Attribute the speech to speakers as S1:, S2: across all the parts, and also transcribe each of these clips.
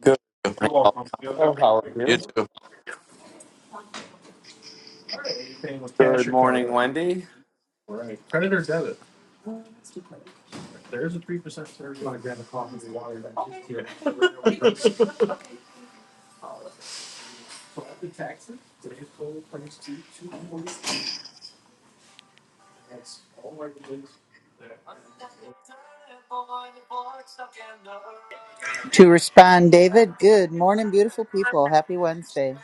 S1: Good
S2: You're
S1: morning,
S2: welcome. you. are
S1: Alfonso. How are
S2: welcome.
S1: you? Good morning, Wendy.
S2: You too.
S3: To respond, David, good morning, beautiful people. Happy Wednesday.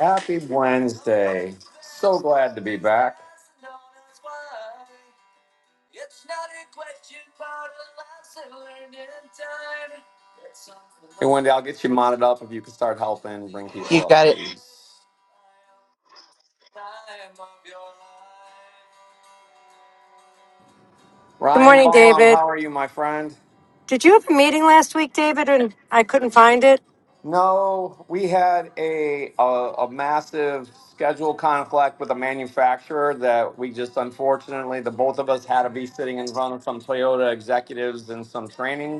S1: Happy Wednesday. So glad to be back. Hey, Wendy, I'll get you modded up if you can start helping bring
S3: You
S1: people up,
S3: got it.
S1: please.
S4: Good
S1: Ryan
S4: morning,
S1: Baum,
S4: David.
S1: how are you, my friend?
S4: Did you have a meeting last week, David, and I couldn't find it?
S1: No, we had a, a a massive schedule conflict with a manufacturer that we just unfortunately the both of us had to be sitting in front of some Toyota executives and some training.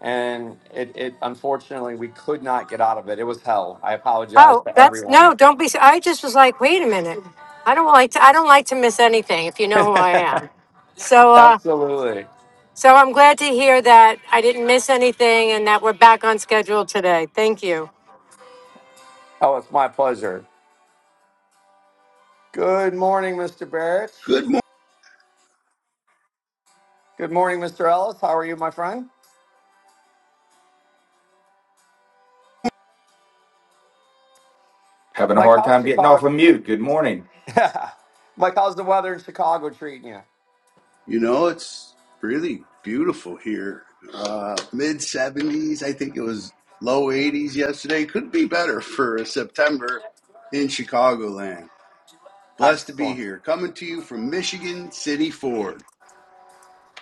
S1: and it, it unfortunately we could not get out of it. It was hell. I apologize
S4: Oh,
S1: to
S4: that's
S1: everyone.
S4: no, don't be I just was like, wait a minute. I don't like to I don't like to miss anything if you know who I am. So uh
S1: Absolutely.
S4: so I'm glad to hear that I didn't miss anything and that we're back on schedule today. Thank you.
S1: Oh, it's my pleasure. Good morning, Mr. Barrett.
S5: Good morning.
S1: Good morning, Mr. Ellis. How are you, my friend?
S6: Having a
S1: Mike,
S6: hard
S1: how's
S6: time getting off of
S1: Chicago?
S6: mute. Good morning.
S1: Mike, how's the weather in Chicago treating you?
S5: You know, it's really beautiful here. Uh, Mid 70s, I think it was low 80s yesterday. Could be better for September in Chicagoland. Blessed to be
S1: Excellent.
S5: here. Coming to you from Michigan City Ford.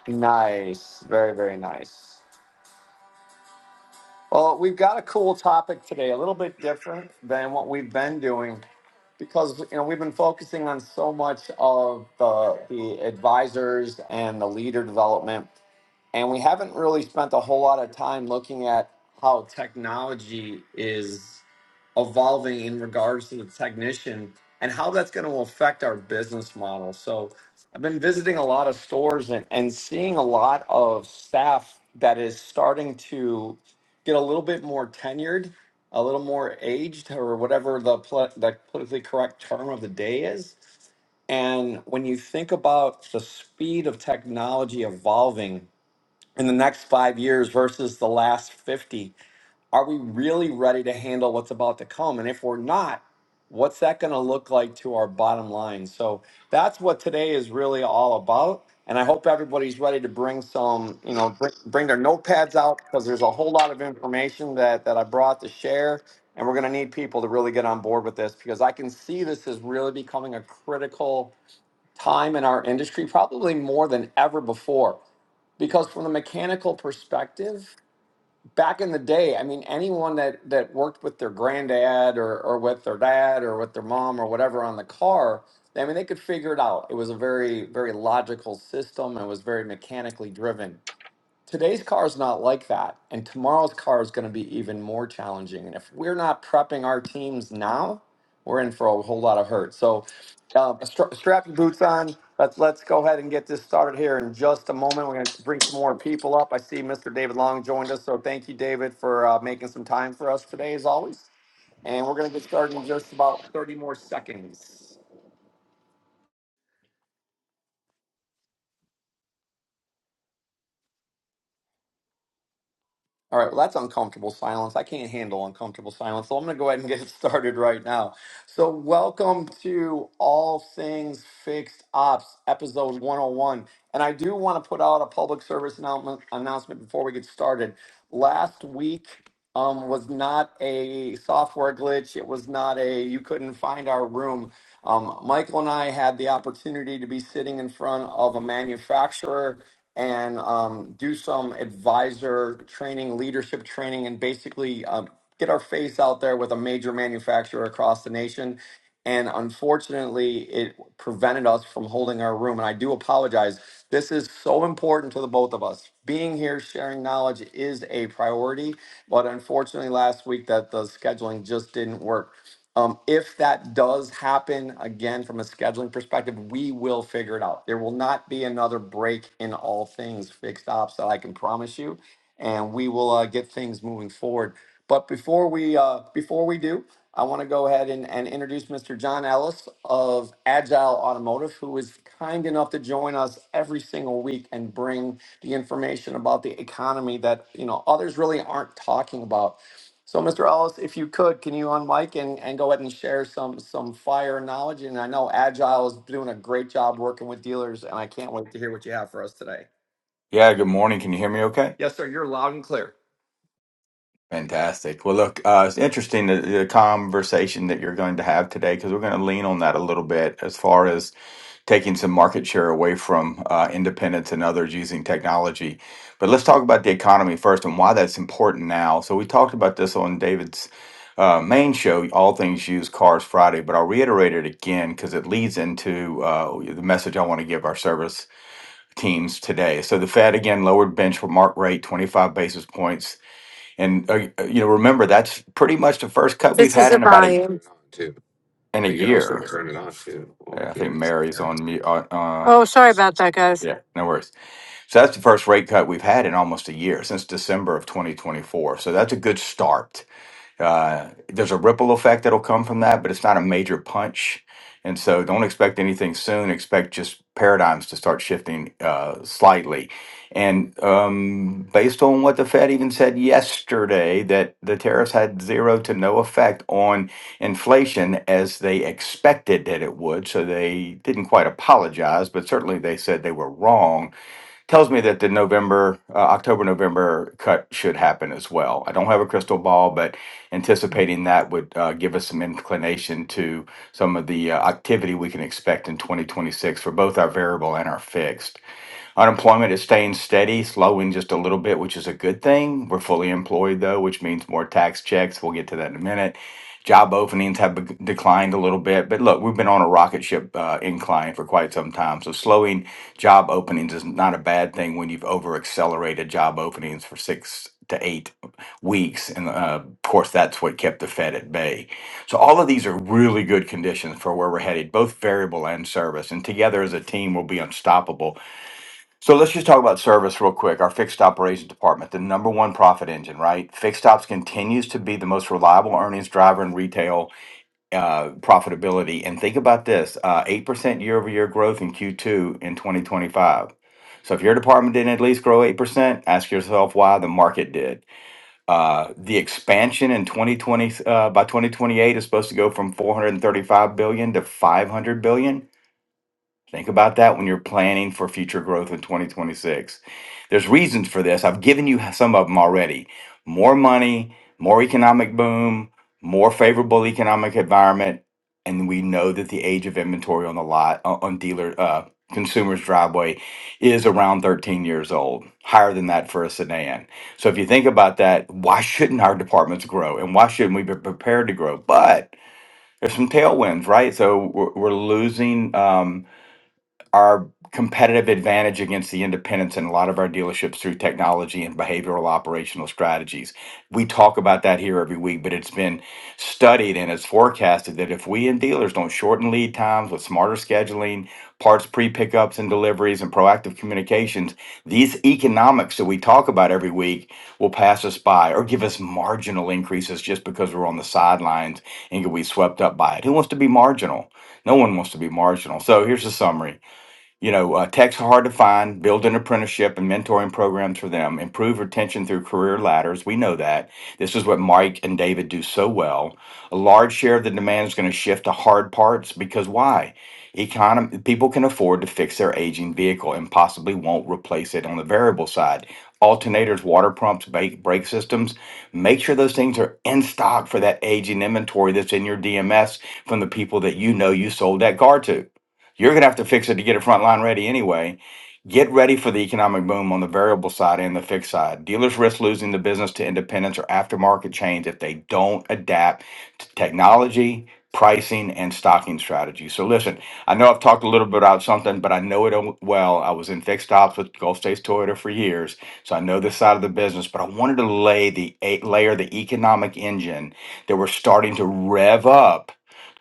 S1: Nice. Very, very nice. Well, we've got a cool topic today, a little bit different than what we've been doing because you know we've been focusing on so much of the the advisors and the leader development and we haven't really spent a whole lot of time looking at how technology is evolving in regards to the technician and how that's going to affect our business model. So I've been visiting a lot of stores and, and seeing a lot of staff that is starting to get a little bit more tenured, a little more aged, or whatever the, pl- the politically correct term of the day is. And when you think about the speed of technology evolving, in the next five years versus the last 50? Are we really ready to handle what's about to come? And if we're not, what's that going to look like to our bottom line? So that's what today is really all about. And I hope everybody's ready to bring some, you know, bring, bring their notepads out because there's a whole lot of information that, that I brought to share. And we're going to need people to really get on board with this because I can see this is really becoming a critical time in our industry, probably more than ever before because from the mechanical perspective back in the day i mean anyone that that worked with their granddad or or with their dad or with their mom or whatever on the car i mean they could figure it out it was a very very logical system and was very mechanically driven today's car is not like that and tomorrow's car is going to be even more challenging and if we're not prepping our teams now we're in for a whole lot of hurt so um, stra- strap your boots on let's let's go ahead and get this started here in just a moment we're going to bring some more people up i see mr david long joined us so thank you david for uh, making some time for us today as always and we're going to get started in just about 30 more seconds All right, well, that's uncomfortable silence. I can't handle uncomfortable silence. So I'm going to go ahead and get it started right now. So, welcome to All Things Fixed Ops, episode 101. And I do want to put out a public service announcement, announcement before we get started. Last week, um, was not a software glitch. It was not a you couldn't find our room. Um, Michael and I had the opportunity to be sitting in front of a manufacturer and um, do some advisor training, leadership training, and basically um, get our face out there with a major manufacturer across the nation and unfortunately it prevented us from holding our room and i do apologize this is so important to the both of us being here sharing knowledge is a priority but unfortunately last week that the scheduling just didn't work um, if that does happen again from a scheduling perspective we will figure it out there will not be another break in all things fixed ops that i can promise you and we will uh, get things moving forward but before we uh, before we do, I want to go ahead and, and introduce Mr. John Ellis of Agile Automotive, who is kind enough to join us every single week and bring the information about the economy that you know others really aren't talking about. So, Mr. Ellis, if you could, can you on and, and go ahead and share some some fire knowledge? And I know Agile is doing a great job working with dealers, and I can't wait to hear what you have for us today.
S6: Yeah, good morning. Can you hear me okay?
S1: Yes, sir. You're loud and clear.
S6: Fantastic. Well, look, uh, it's interesting the, the conversation that you're going to have today because we're going to lean on that a little bit as far as taking some market share away from uh, independents and others using technology. But let's talk about the economy first and why that's important now. So, we talked about this on David's uh, main show, All Things Used Cars Friday, but I'll reiterate it again because it leads into uh, the message I want to give our service teams today. So the Fed again lowered benchmark rate 25 basis points, and uh, you know remember that's pretty much the first cut we've
S4: This is
S6: had
S4: the
S6: in about a
S4: volume.
S6: in a year. Uh, I think Mary's on me. Uh, uh,
S4: Oh, sorry about that, guys.
S6: yeah, no worries. So that's the first rate cut we've had in almost a year since December of 2024. So that's a good start Uh, there's a ripple effect that'll come from that, but it's not a major punch. And so don't expect anything soon. Expect just paradigms to start shifting uh, slightly. And um, based on what the Fed even said yesterday, that the tariffs had zero to no effect on inflation as they expected that it would. So they didn't quite apologize, but certainly they said they were wrong tells me that the November, uh, October, November cut should happen as well. I don't have a crystal ball, but anticipating that would uh, give us some inclination to some of the uh, activity we can expect in 2026 for both our variable and our fixed. Unemployment is staying steady, slowing just a little bit, which is a good thing. We're fully employed though, which means more tax checks. We'll get to that in a minute. Job openings have be- declined a little bit, but look, we've been on a rocket ship uh, incline for quite some time. So slowing job openings is not a bad thing when you've over accelerated job openings for six to eight weeks, and uh, of course that's what kept the Fed at bay. So all of these are really good conditions for where we're headed, both variable and service, and together as a team, we'll be unstoppable so let's just talk about service real quick. Our fixed operations department, the number one profit engine, right? Fixed ops continues to be the most reliable earnings driver in retail uh, profitability. And think about this: uh, eight percent year-over-year growth in Q2 in 2025. So if your department didn't at least grow eight percent, ask yourself why the market did. Uh, the expansion in 2020 uh, by 2028 is supposed to go from 435 billion to 500 billion Think about that when you're planning for future growth in 2026. There's reasons for this. I've given you some of them already. More money, more economic boom, more favorable economic environment, and we know that the age of inventory on the lot on on dealer uh, consumers driveway is around 13 years old, higher than that for a sedan. So if you think about that, why shouldn't our departments grow and why shouldn't we be prepared to grow? But there's some tailwinds, right? So we're, we're losing. Um, our competitive advantage against the independents in a lot of our dealerships through technology and behavioral operational strategies. We talk about that here every week, but it's been studied and it's forecasted that if we and dealers don't shorten lead times with smarter scheduling, parts pre pickups and deliveries, and proactive communications, these economics that we talk about every week will pass us by or give us marginal increases just because we're on the sidelines and get we swept up by it. Who wants to be marginal? No one wants to be marginal. So here's the summary. You know, uh, techs are hard to find. Build an apprenticeship and mentoring programs for them. Improve retention through career ladders. We know that. This is what Mike and David do so well. A large share of the demand is going to shift to hard parts because why? Econom- people can afford to fix their aging vehicle and possibly won't replace it on the variable side. Alternators, water pumps, brake, brake systems. Make sure those things are in stock for that aging inventory that's in your DMS from the people that you know you sold that car to. You're going to have to fix it to get it front line ready anyway. Get ready for the economic boom on the variable side and the fixed side. Dealers risk losing the business to independents or aftermarket chains if they don't adapt to technology, pricing, and stocking strategies. So listen, I know I've talked a little bit about something, but I know it well. I was in fixed ops with Gulf States Toyota for years, so I know this side of the business. But I wanted to lay the a- layer the economic engine that we're starting to rev up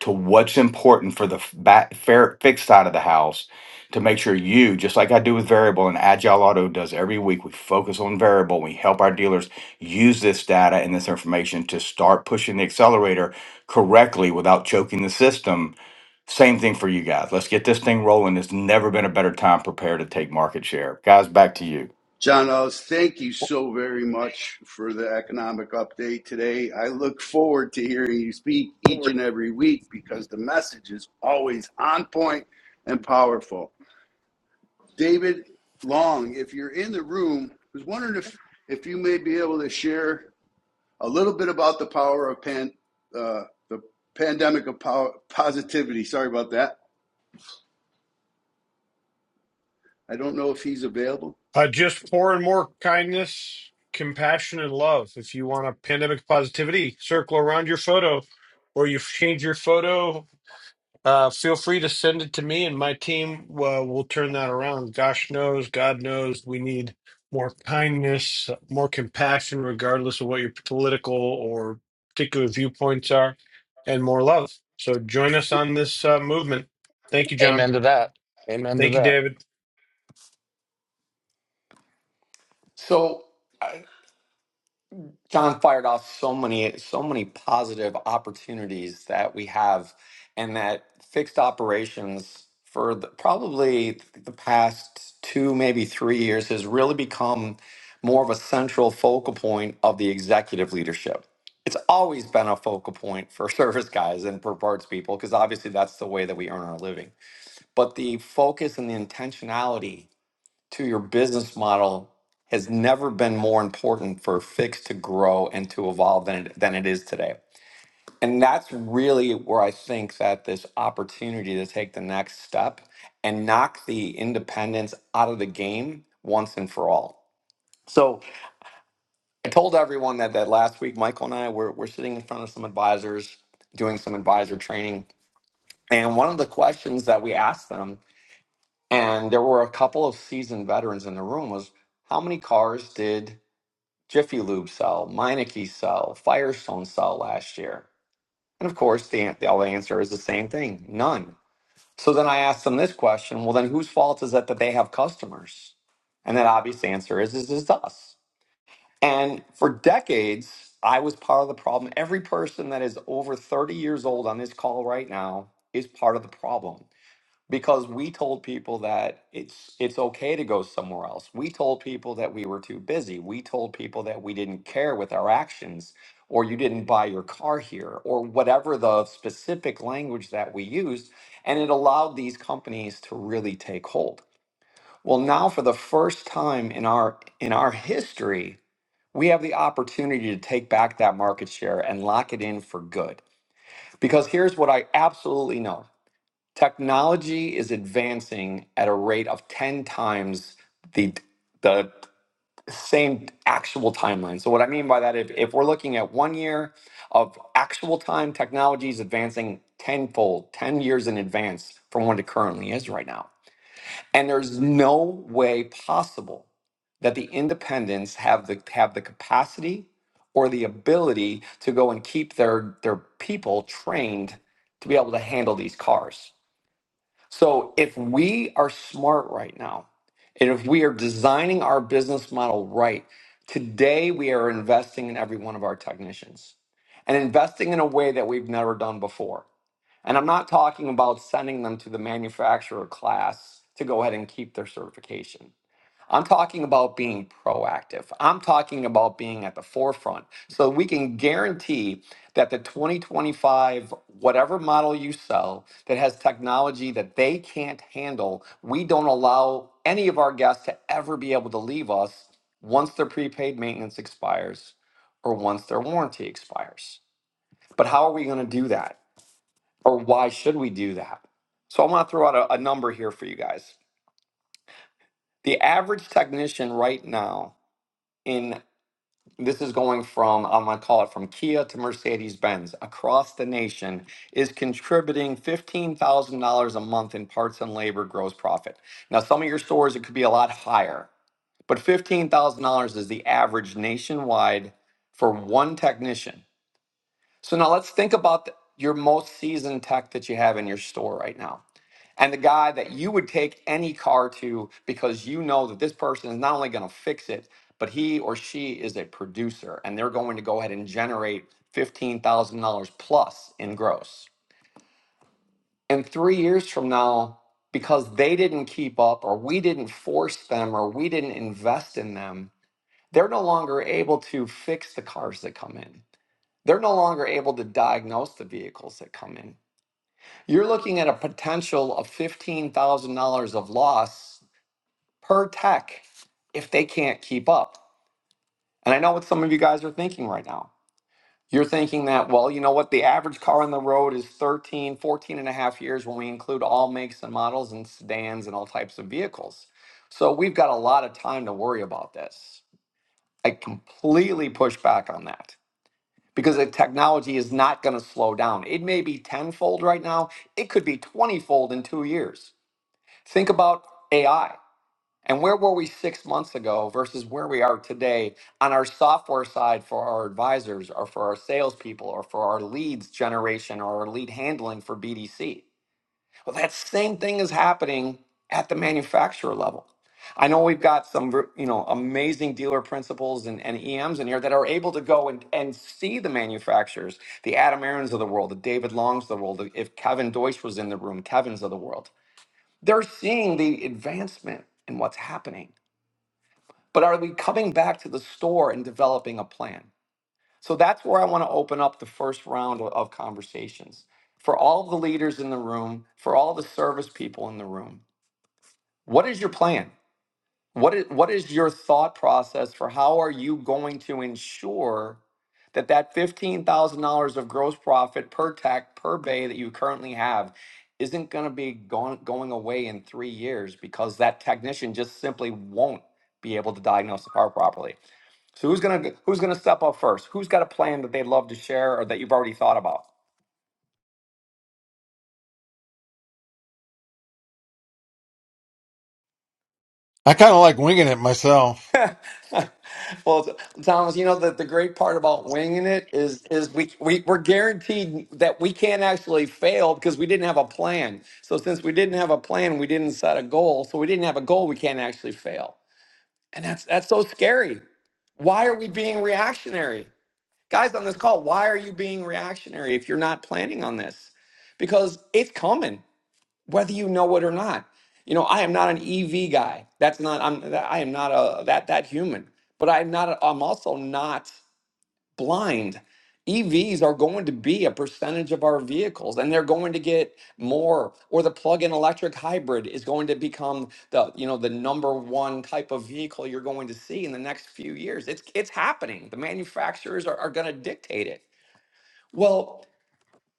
S6: to what's important for the f- back fair, fixed side of the house to make sure you, just like I do with variable and Agile Auto does every week, we focus on variable. We help our dealers use this data and this information to start pushing the accelerator correctly without choking the system. Same thing for you guys. Let's get this thing rolling. It's never been a better time Prepare to take market share. Guys, back to you.
S5: John Ellis, thank you so very much for the economic update today. I look forward to hearing you speak each and every week because the message is always on point and powerful. David Long, if you're in the room, I was wondering if, if you may be able to share a little bit about the power of pan, uh, the pandemic of power, positivity. Sorry about that. I don't know if he's available.
S7: Uh, just pouring more kindness, compassion, and love. If you want a pandemic positivity circle around your photo, or you've changed your photo, uh, feel free to send it to me, and my team uh, will turn that around. Gosh knows, God knows, we need more kindness, more compassion, regardless of what your political or particular viewpoints are, and more love. So join us on this uh, movement. Thank you, John.
S8: Amen to that. Amen to
S7: Thank you,
S8: that.
S7: David.
S1: So uh, John fired off so many so many positive opportunities that we have, and that fixed operations for the, probably the past two maybe three years has really become more of a central focal point of the executive leadership. It's always been a focal point for service guys and for parts people because obviously that's the way that we earn our living. But the focus and the intentionality to your business model has never been more important for Fix to grow and to evolve than it, than it is today. And that's really where I think that this opportunity to take the next step and knock the independents out of the game once and for all. So I told everyone that, that last week, Michael and I were, were sitting in front of some advisors doing some advisor training. And one of the questions that we asked them, and there were a couple of seasoned veterans in the room, was how many cars did Jiffy Lube cell, Meineke cell, Firestone cell last year? And of course, the, an- the answer is the same thing none. So then I asked them this question well, then whose fault is it that they have customers? And that obvious answer is, is, is us. And for decades, I was part of the problem. Every person that is over 30 years old on this call right now is part of the problem because we told people that it's it's okay to go somewhere else. We told people that we were too busy. We told people that we didn't care with our actions or you didn't buy your car here or whatever the specific language that we used and it allowed these companies to really take hold. Well, now for the first time in our in our history, we have the opportunity to take back that market share and lock it in for good. Because here's what I absolutely know technology is advancing at a rate of 10 times the the same actual timeline. So what I mean by that, if, if we're looking at one year of actual time, technology is advancing tenfold, 10 years in advance from what it currently is right now. And there's no way possible that the independents have the have the capacity or the ability to go and keep their their people trained to be able to handle these cars so if we are smart right now, and if we are designing our business model right, today we are investing in every one of our technicians and investing in a way that we've never done before. And I'm not talking about sending them to the manufacturer class to go ahead and keep their certification. I'm talking about being proactive. I'm talking about being at the forefront so we can guarantee that the 2025, whatever model you sell that has technology that they can't handle, we don't allow any of our guests to ever be able to leave us once their prepaid maintenance expires or once their warranty expires. But how are we going to do that? Or why should we do that? So I want to throw out a, a number here for you guys. The average technician right now in This is going from, I'm going to call it from Kia to Mercedes Benz across the nation, is contributing $15,000 a month in parts and labor gross profit. Now, some of your stores, it could be a lot higher, but $15,000 is the average nationwide for one technician. So now let's think about th- your most seasoned tech that you have in your store right now and the guy that you would take any car to because you know that this person is not only going to fix it, but he or she is a producer and they're going to go ahead and generate $15,000 plus in gross. And three years from now, because they didn't keep up or we didn't force them or we didn't invest in them, they're no longer able to fix the cars that come in. They're no longer able to diagnose the vehicles that come in. You're looking at a potential of $15,000 of loss per tech if they can't keep up. And I know what some of you guys are thinking right now. You're thinking that, well, you know what, the average car on the road is 13, 14 and a half years when we include all makes and models and sedans and all types of vehicles. So we've got a lot of time to worry about this. I completely push back on that because the technology is not going to slow down. It may be tenfold right now, it could be 20 fold in two years. Think about AI. And where were we six months ago versus where we are today on our software side for our advisors or for our salespeople or for our leads generation or our lead handling for BDC? Well, that same thing is happening at the manufacturer level. I know we've got some ver- you know amazing dealer principals and, and EMs in here that are able to go and, and see the manufacturers, the Adam Aarons of the world, the David Longs of the world. If Kevin Deutsch was in the room, Kevin's of the world. They're seeing the advancement in what's happening but are we coming back to the store and developing a plan? So that's where I want to open up the first round of conversations for all of the leaders in the room, for all the service people in the room. What is your plan? What is, what is your thought process for how are you going to ensure that that $15,000 of gross profit per tech per bay that you currently have isn't going to be going, going away in three years because that technician just simply won't be able to diagnose the car properly? So who's gonna who's gonna step up first? Who's got a plan that they'd love to share or that you've already thought about?
S9: I kind of like winging it myself.
S1: well, Thomas, you know that the great part about winging it is is we, we we're guaranteed that we can't actually fail because we didn't have a plan. So since we didn't have a plan, we didn't set a goal. So we didn't have a goal, we can't actually fail. And that's that's so scary. Why are we being reactionary? Guys on this call, why are you being reactionary if you're not planning on this? Because it's coming. whether you know it or not. You know, I am not an EV guy. That's not I'm I am not a that that human. But I'm not a, I'm also not blind. EVs are going to be a percentage of our vehicles and they're going to get more or the plug-in electric hybrid is going to become the you know the number one type of vehicle you're going to see in the next few years. It's it's happening. The manufacturers are, are going to dictate it. Well,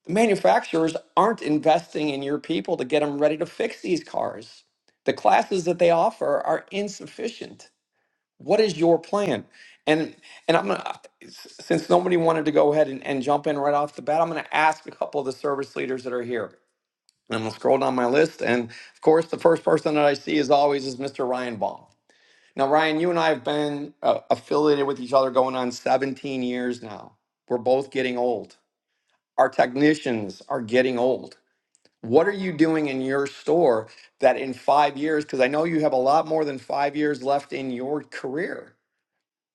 S1: manufacturers aren't investing in your people to get them ready to fix these cars. The classes that they offer are insufficient. What is your plan? And and I'm gonna since nobody wanted to go ahead and, and jump in right off the bat, I'm gonna ask a couple of the service leaders that are here. And I'm gonna scroll down my list. And of course, the first person that I see as always is Mr. Ryan Baum. Now, Ryan, you and I have been uh, affiliated with each other going on 17 years now. We're both getting old. Our technicians are getting old what are you doing in your store that in five years, because I know you have a lot more than five years left in your career.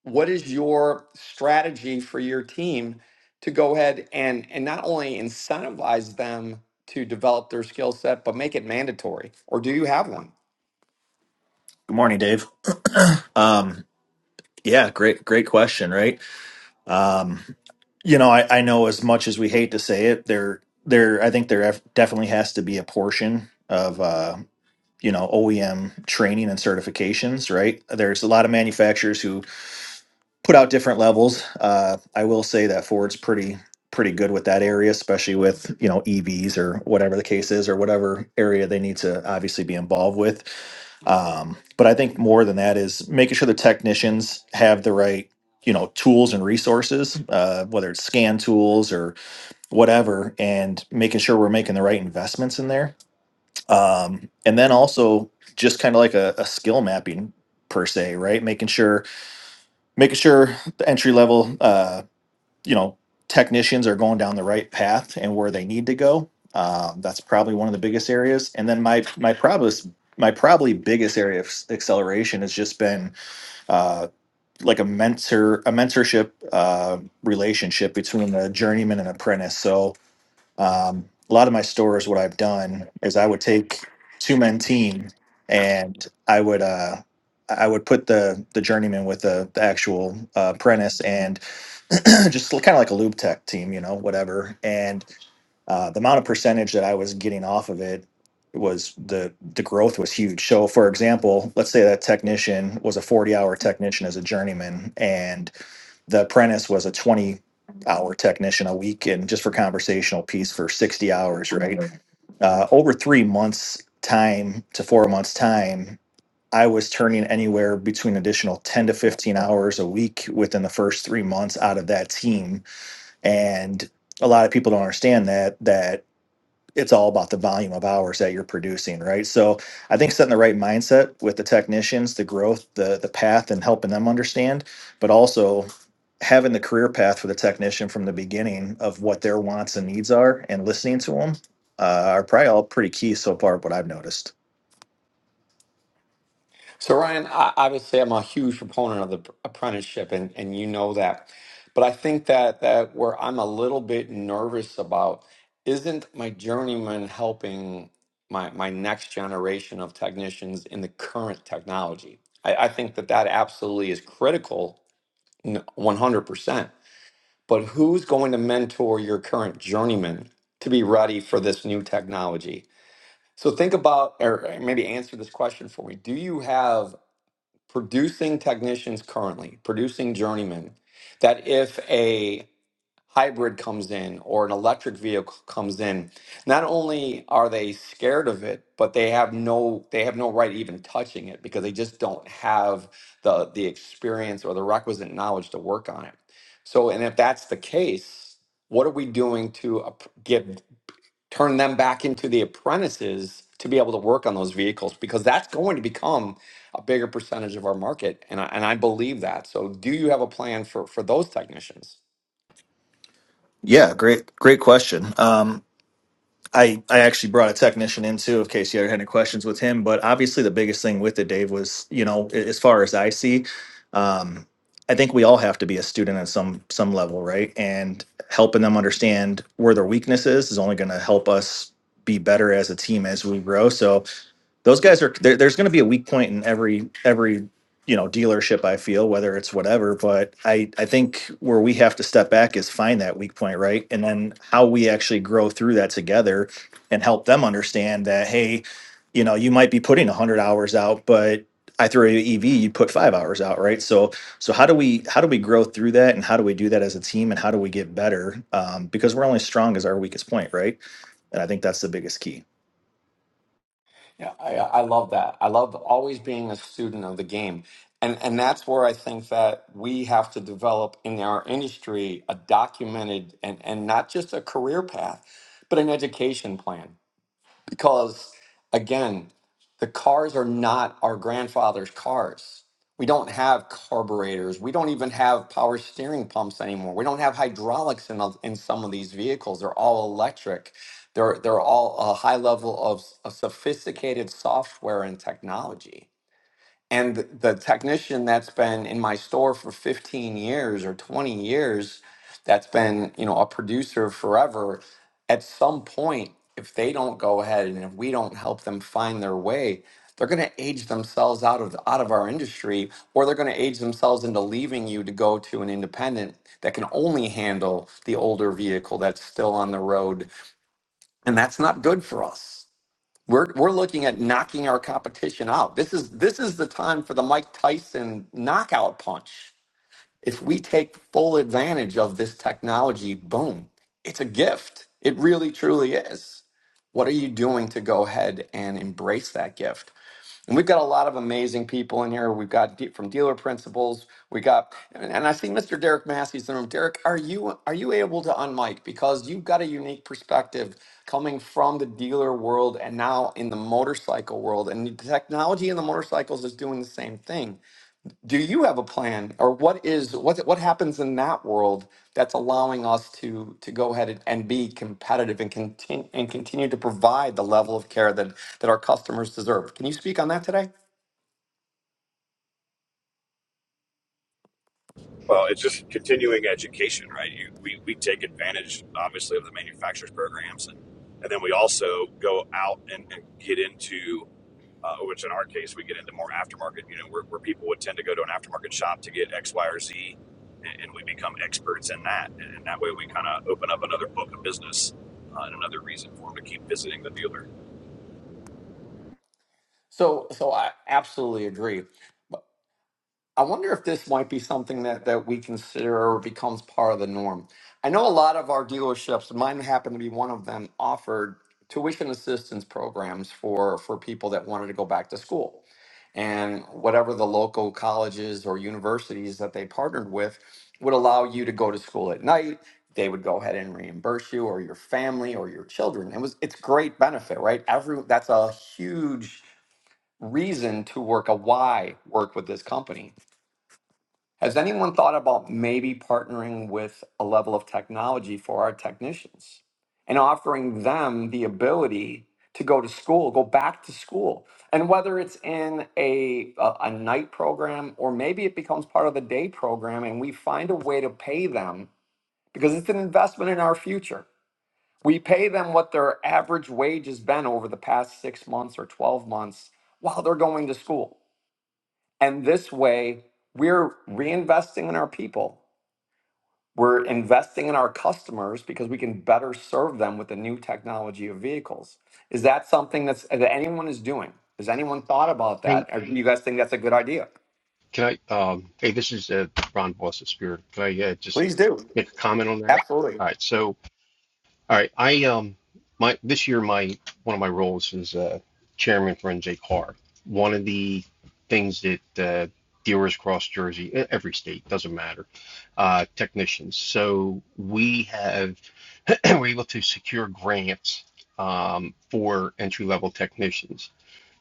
S1: What is your strategy for your team to go ahead and, and not only incentivize them to develop their skill set, but make it mandatory? Or do you have one?
S10: Good morning, Dave. Um, yeah, great, great question, right? Um, you know, I, I know as much as we hate to say it, there, there, I think there have- definitely has to be a portion of, uh, you know, OEM training and certifications, right? There's a lot of manufacturers put out different levels. Uh, I will say that Ford's pretty pretty good with that area, especially with you know EVs or whatever the case is, or whatever area they need to obviously be involved with. Um, but I think more than that is making sure the technicians have the right you know tools and resources, uh, whether it's scan tools or whatever, and making sure we're making the right investments in there. Um, and then also just kind of like a, a skill mapping per se, right? Making sure making sure the entry level uh, you know technicians are going down the right path and where they need to go um, that's probably one of the biggest areas and then my my probably my probably biggest area of s- acceleration has just been uh, like a mentor a mentorship uh, relationship between a journeyman and apprentice so um, a lot of my stores, what I've done is I would take two men team and I would uh, I would put the the journeyman with the, the actual uh, apprentice and just kind of like a lube tech team, you know, whatever. And uh, the amount of percentage that I was getting off of it was the the growth was huge. So, for example, let's say that technician was a forty hour technician as a journeyman, and the apprentice was a 20 hour technician a week and just for conversational piece for 60 hours right uh, over three months time to four months time i was turning anywhere between additional 10 to 15 hours a week within the first three months out of that team and a lot of people don't understand that that it's all about the volume of hours that you're producing, right? So I think setting the right mindset with the technicians, the growth, the the path, and helping them understand, but also having the career path for the technician from the beginning of what their wants and needs are, and listening to them uh, are probably all pretty key so far. What I've noticed.
S1: So Ryan, I, obviously, I'm a huge proponent of the pr- apprenticeship, and and you know that. But I think that that where I'm a little bit nervous about isn't my journeyman helping my my next generation of technicians in the current technology. I, I think that that absolutely is critical, n- 100%. But who's going to mentor your current journeyman to be ready for this new technology? So think about, or maybe answer this question for me. Do you have producing technicians currently, producing journeymen, that if a hybrid comes in or an electric vehicle comes in, not only are they scared of it, but they have no they have no right even touching it because they just don't have the the experience or the requisite knowledge to work on it. So, and if that's the case, what are we doing to ap- give turn them back into the apprentices to be able to work on those vehicles because that's going to become a bigger percentage of our market and I, and I believe that. So do you have a plan for for those technicians?
S10: Yeah, great, great question. Um, I, I actually brought a technician in too, in case you ever had any questions with him. But obviously, the biggest thing with it, Dave, was you know, a- as far as I see, um, I think we all have to be a student at some some level, right? And helping them understand where their weakness is is only going to help us be better as a team as we grow. So those guys are there, there's going to be a weak point in every every you know dealership i feel whether it's whatever but i i think where we have to step back is find that weak point right and then how we actually grow through that together and help them understand that hey you know you might be putting 100 hours out but i throw you an ev you put five hours out right so so how do we how do we grow through that and how do we do that as a team and how do we get better um, because we're only strong as our weakest point right and i think that's the biggest key
S1: Yeah, I, I love that. I love always being a student of the game. And and that's where I think that we have to develop in our industry a documented and and not just a career path, but an education plan because again the cars are not our grandfather's cars we don't have carburetors we don't even have power steering pumps anymore we don't have hydraulics in, of- in some of these vehicles they're all electric they're, they're all a high level of, s- of sophisticated software and technology and th- the technician that's been in my store for 15 years or 20 years that's been you know a producer forever at some point if they don't go ahead and if we don't help them find their way they're going to age themselves out of out of our industry or they're going to age themselves into leaving you to go to an independent that can only handle the older vehicle that's still on the road and that's not good for us we're we're looking at knocking our competition out. This is this is the time for the Mike Tyson knockout punch. If we take full advantage of this technology, boom, it's a gift. It really, truly is. What are you doing to go ahead and embrace that gift? And we've got a lot of amazing people in here. We've got de- from dealer principals. We got, and and I see Mr. Derek Massey's in the room. Derek, are you are you able to unmic because you've got a unique perspective coming from the dealer world and now in the motorcycle world, and the technology in the motorcycles is doing the same thing do you have a plan or what is what what happens in that world that's allowing us to to go ahead and, and be competitive and continue and continue to provide the level of care that that our customers deserve can you speak on that today
S11: Well, it's just continuing education, right? You, we, we take advantage, obviously, of the manufacturers' programs, and, and then we also go out and, and get into, uh, which in our case, we get into more aftermarket, you know, where, where people would tend to go to an aftermarket shop to get X, Y, or Z, and, and we become experts in that. And, and that way we kind of open up another book of business uh, and another reason for them to keep visiting the dealer.
S1: so so i absolutely agree I wonder if this might be something that, that we consider or becomes part of the norm. I know a lot of our dealerships, and mine happened to be one of them, offered tuition assistance programs for, for people that wanted to go back to school. And whatever the local colleges or universities that they partnered with would allow you to go to school at night. They would go ahead and reimburse you or your family or your children. It was it's great benefit, right? Every that's a huge reason to work a why work with this company has anyone thought about maybe partnering with a level of technology for our technicians and offering them the ability to go to school, go back to school? And whether it's in a, a, a night program or maybe it becomes part of the day program and we find a way to pay them because it's an investment in our future. We pay them what their average wage has been over the past six months or 12 months while they're going to school. And this way, we're reinvesting in our people we're investing in our customers because we can better serve them with the new technology of vehicles. Is that something that's, that anyone is doing? Has anyone thought about
S12: Hey,
S1: that? Or do you guys think that's a good idea?
S12: can I, um, hey, this is uh, Ron Boss of Spirit. Can I uh, just
S1: Please do.
S12: make a comment on that?
S1: Absolutely.
S12: All right. So, all right, I, um, my, this year, my, one of my roles is uh, chairman for NJ Car. One of the things that uh, dealers across Jersey, e- every state, doesn't matter, uh, technicians. So we have, we're able to secure grants um, for entry level technicians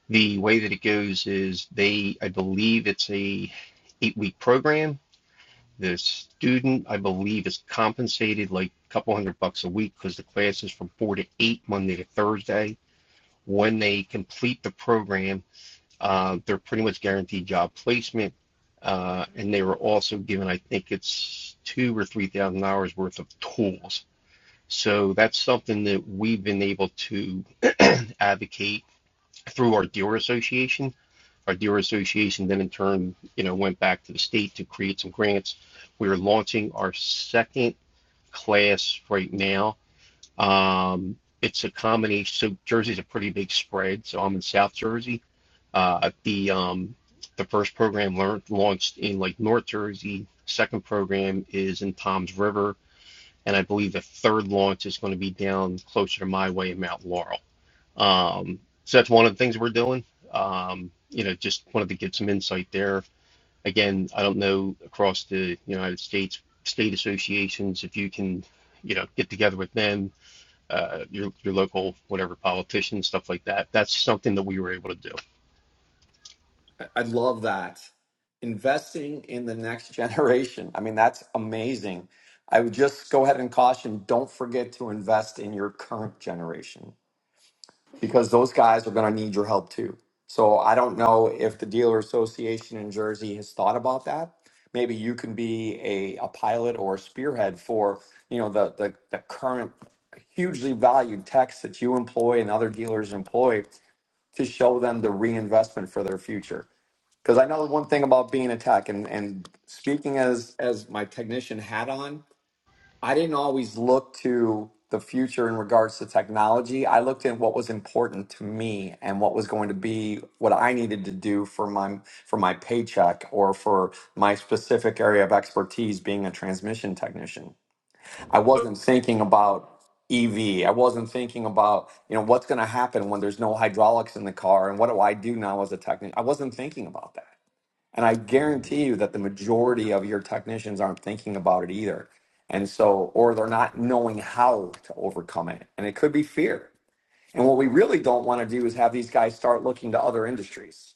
S12: The way that it goes is they, I believe it's a eight week program. The student, I believe, is compensated like a couple hundred bucks a week because the class is from four to eight Monday to Thursday. When they complete the program, uh, they're pretty much guaranteed job placement. Uh, and they were also given, I think it's two or three thousand dollars worth of tools. So that's something that we've been able to advocate through our dealer association our dealer association then in turn, you know, went back to the state to create some grants. We are launching our second class right now. Um, it's a combination. So Jersey's a pretty big spread. So I'm in South Jersey. Uh, the um, the first program learned, launched in like North Jersey. Second program is in Tom's River, and I believe the third launch is going to be down closer to my way in Mount Laurel. Um, so that's one of the things we're doing. Um, you know, just wanted to give some insight there. Again, I don't know across the United States state associations if you can, you know, get together with them, uh, your your local whatever politicians, stuff like that. That's something that we were able to do.
S1: I I love that. Investing in the next generation. I mean, that's amazing. I would just go ahead and caution don't forget to invest in your current generation because those guys are going to need your help too. So I don't know if the dealer association in Jersey has thought about that. Maybe you can be a, a pilot or a spearhead for, you know, the, the, the current hugely valued techs that you employ and other dealers employ to show them the reinvestment for their future. Because I know one thing about being a tech and, and speaking as, as my technician hat on, I didn't always look to the future in regards to technology. I looked at what was important to me and what was going to be what I needed to do for my for my paycheck or for my specific area of expertise being a transmission technician. I wasn't thinking about EV. I wasn't thinking about, you know, what's going to happen when there's no hydraulics in the car and what do I do now as a technician? I wasn't thinking about that. And I guarantee you that the majority of your technicians aren't thinking about it either. And so, or they're not knowing how to overcome it. And it could be fear. And what we really don't want to do is have these guys start looking to other industries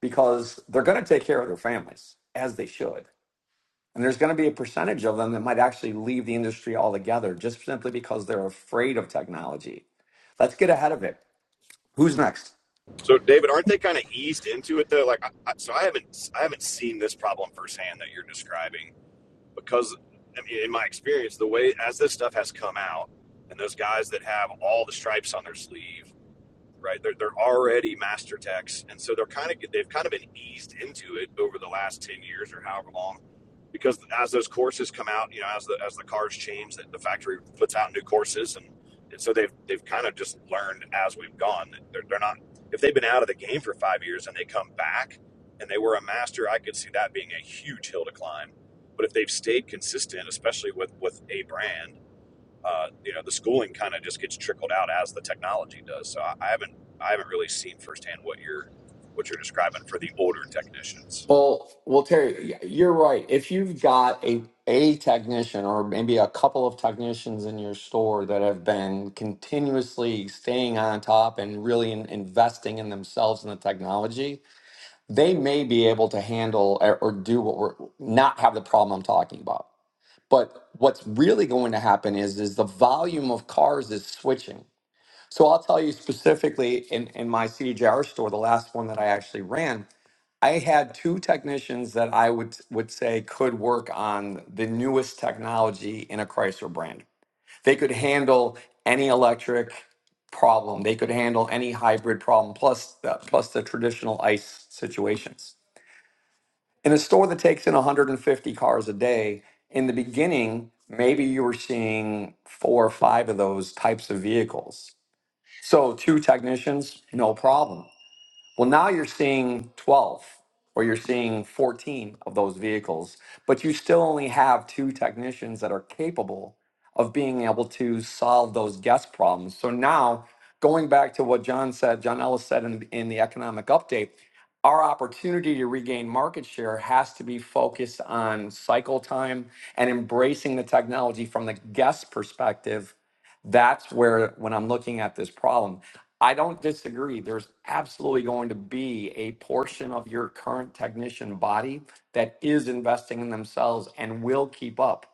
S1: because they're going to take care of their families as they should. And there's going to be a percentage of them that might actually leave the industry altogether just simply because they're afraid of technology. Let's get ahead of it. Who's next?
S11: So, David, aren't they kind of eased into it, though? Like, I, I, so I haven't, I haven't seen this problem firsthand that you're describing because I mean, in my experience, the way as this stuff has come out, and those guys that have all the stripes on their sleeve right? They're, they're already master techs, and so they're kind of they've kind of been eased into it over the last ten years or however long, because as those courses come out, you know, as the as the cars change, that the factory puts out new courses, and, and so they've they've kind of just learned as we've gone. They're, they're not if they've been out of the game for five years and they come back and they were a master, I could see that being a huge hill to climb. But if they've stayed consistent, especially with with a brand uh, you know the schooling kind of just gets trickled out as the technology does. So I, I haven't I haven't really seen firsthand what you're what you're describing for the older technicians.
S1: Well, well, Terry, yeah, you're right. If you've got a a technician or maybe a couple of technicians in your store that have been continuously staying on top and really in, investing in themselves and the technology, they may be able to handle or, or do what we're not have the problem I'm talking about. But what's really going to happen is is the volume of cars is switching. So I'll tell you specifically in, in my CDJR store, the last one that I actually ran, I had two technicians that I would would say could work on the newest technology in a Chrysler brand. They could handle any electric problem. They could handle any hybrid problem, plus the, plus the traditional ICE situations. In a store that takes in 150 cars a day, in the beginning, maybe you were seeing four or five of those types of vehicles. So two technicians, no problem. Well, now you're seeing 12 or you're seeing 14 of those vehicles, but you still only have two technicians that are capable of being able to solve those guest problems. So now, going back to what John said, John Ellis said in, in the economic update, our opportunity to regain market share has to be focused on cycle time and embracing the technology from the guest perspective. That's where, when I'm looking at this problem. I don't disagree. There's absolutely going to be a portion of your current technician body that is investing in themselves and will keep up.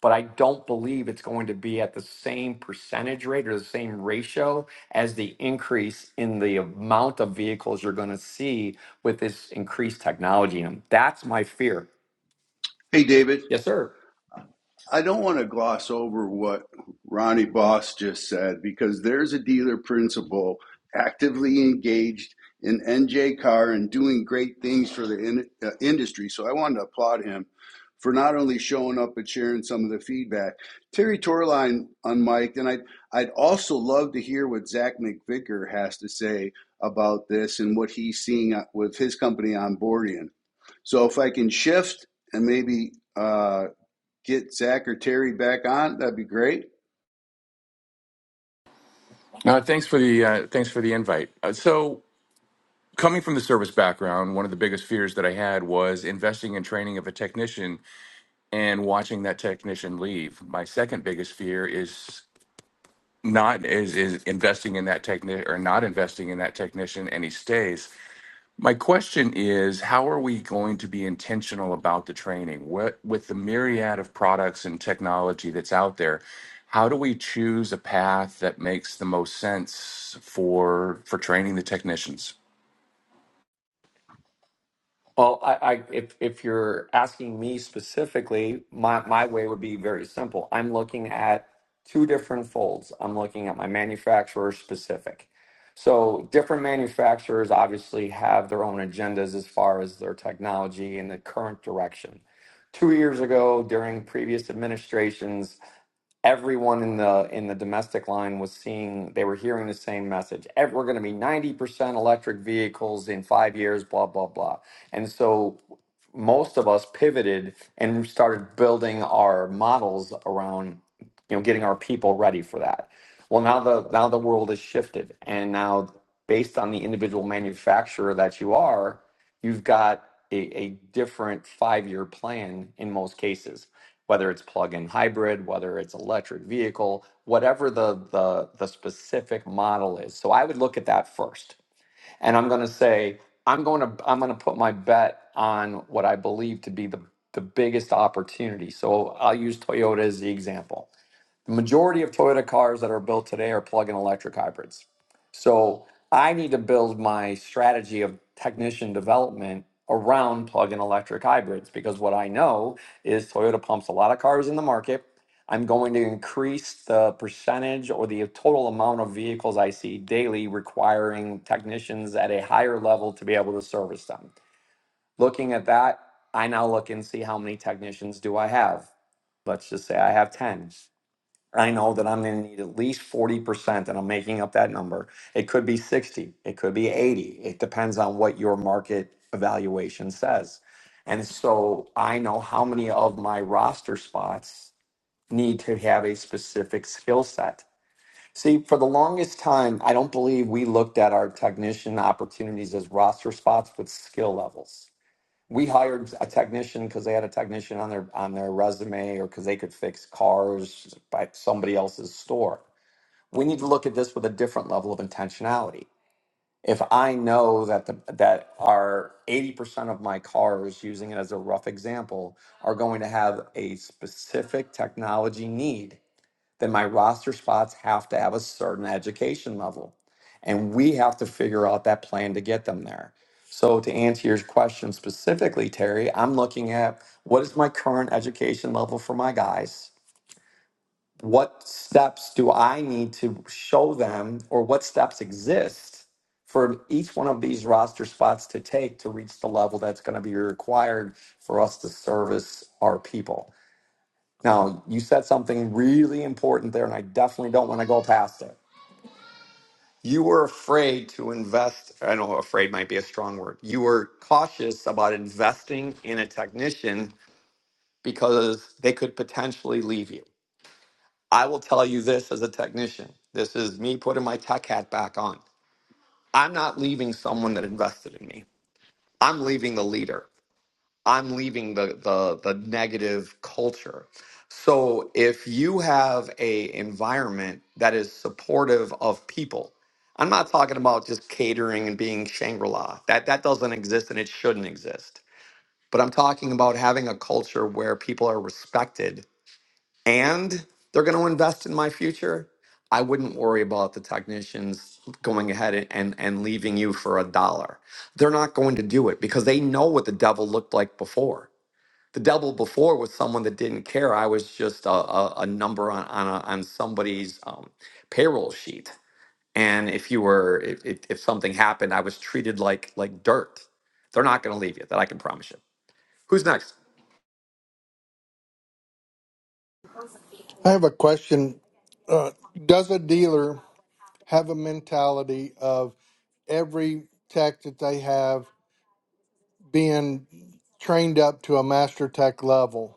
S1: But I don't believe it's going to be at the same percentage rate or the same ratio as the increase in the amount of vehicles you're going to see with this increased technology. And that's my fear.
S5: Hey, David.
S1: Yes, sir.
S5: I don't want to gloss over what Ronnie Boss just said because there's a dealer principal actively engaged in NJ Car and doing great things for the in, uh, industry. So I wanted to applaud him for not only showing up but sharing some of the feedback. Terry Torline unmiked, and I'd, I'd also love to hear what Zach McVicker has to say about this and what he's seeing uh, with his company onboarding. So if I can shift and maybe. uh, get Zach or Terry back on, that'd be great.
S13: Uh, thanks for the uh, thanks for the invite. Uh, so, coming from the service background, one of the biggest fears that I had was investing in training of a technician and watching that technician leave. My second biggest fear is not is is investing in that technician or not investing in that technician and he stays. My question is, how are we going to be intentional about the training? What with the myriad of products and technology that's out there, how do we choose a path that makes the most sense for for training the technicians?
S1: Well, I, I if if you're asking me specifically, my my way would be very simple. I'm looking at two different folds. I'm looking at my manufacturer specific. So different manufacturers obviously have their own agendas as far as their technology and the current direction. Two years ago, during previous administrations, everyone in the in the domestic line was seeing they were hearing the same message Ev- we're going to be 90% electric vehicles in five years blah blah blah and so most of us pivoted and started building our models around you know getting our people ready for that well now the now the world has shifted and now based on the individual manufacturer that you are you've got a, a different five year plan in most cases whether it's plug-in hybrid, whether it's electric vehicle, whatever the the the specific model is. So I would look at that first. And I'm going to say I'm going to I'm going to put my bet on what I believe to be the the biggest opportunity. So I'll use Toyota as the example the majority of Toyota cars that are built today are plug-in electric hybrids. So I need to build my strategy of technician development around plug-in electric hybrids because what I know is Toyota pumps a lot of cars in the market. I'm going to increase the percentage or the total amount of vehicles I see daily requiring technicians at a higher level to be able to service them. Looking at that, I now look and see how many technicians do I have. Let's just say I have 10. I know that I'm going to need at least 40%, and I'm making up that number. It could be 60, it could be 80. It depends on what your market evaluation says. And so I know how many of my roster spots need to have a specific skill set. See, for the longest time, I don't believe we looked at our technician opportunities as roster spots with skill levels we hired a technician because they had a technician on their on their resume or because they could fix cars by somebody else's store. We need to look at this with a different level of intentionality. If I know that the that our 80% of my cars, using it as a rough example, are going to have a specific technology need, then my roster spots have to have a certain education level. And we have to figure out that plan to get them there. So, to answer your question specifically, Terry, I'm looking at what is my current education level for my guys? What steps do I need to show them, or what steps exist for each one of these roster spots to take to reach the level that's going to be required for us to service our people? Now, you said something really important there, and I definitely don't want to go past it. You were afraid to invest. I know afraid might be a strong word. You were cautious about investing in a technician because they could potentially leave you. I will tell you this as a technician this is me putting my tech hat back on. I'm not leaving someone that invested in me, I'm leaving the leader. I'm leaving the the the negative culture. So if you have a environment that is supportive of people, I'm not talking about just catering and being Shangri-La. That that doesn't exist and it shouldn't exist. But I'm talking about having a culture where people are respected and they're going to invest in my future. I wouldn't worry about the technicians going ahead and, and, and leaving you for a dollar. They're not going to do it because they know what the devil looked like before the double before was someone that didn't care. I was just a, a, a number on on, a, on somebody's um, payroll sheet. And if you were, if, if, if something happened, I was treated like like dirt. They're not going to leave you. That I can promise you. Who's next?
S14: I have a question. Uh, does a dealer have a mentality of every tech that they have being trained up to a master tech level?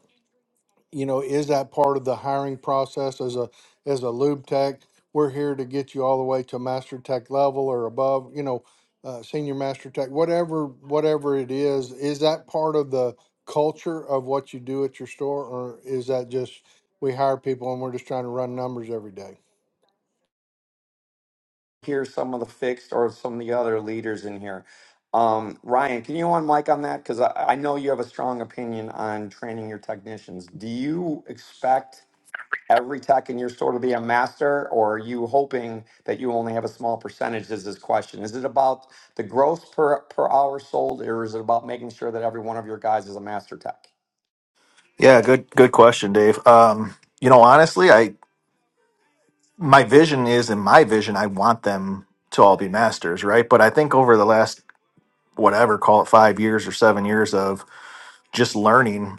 S14: You know, is that part of the hiring process as a as a lube tech? We're here to get you all the way to master tech level or above. You know, uh, senior master tech, whatever whatever it is. Is that part of the culture of what you do at your store, or is that just we hire people and we're just trying to run numbers every day?
S1: Here's some of the fixed or some of the other leaders in here. Um, Ryan, can you on mic on that? Because I, I know you have a strong opinion on training your technicians. Do you expect every tech in your store to be a master, or are you hoping that you only have a small percentage? Is this question? Is it about the gross per per hour sold, or is it about making sure that every one of your guys is a master tech?
S10: Yeah, good good question, Dave. Um, you know, honestly, I my vision is in my vision, I want them to all be masters, right? But I think over the last whatever, call it five years or seven years of just learning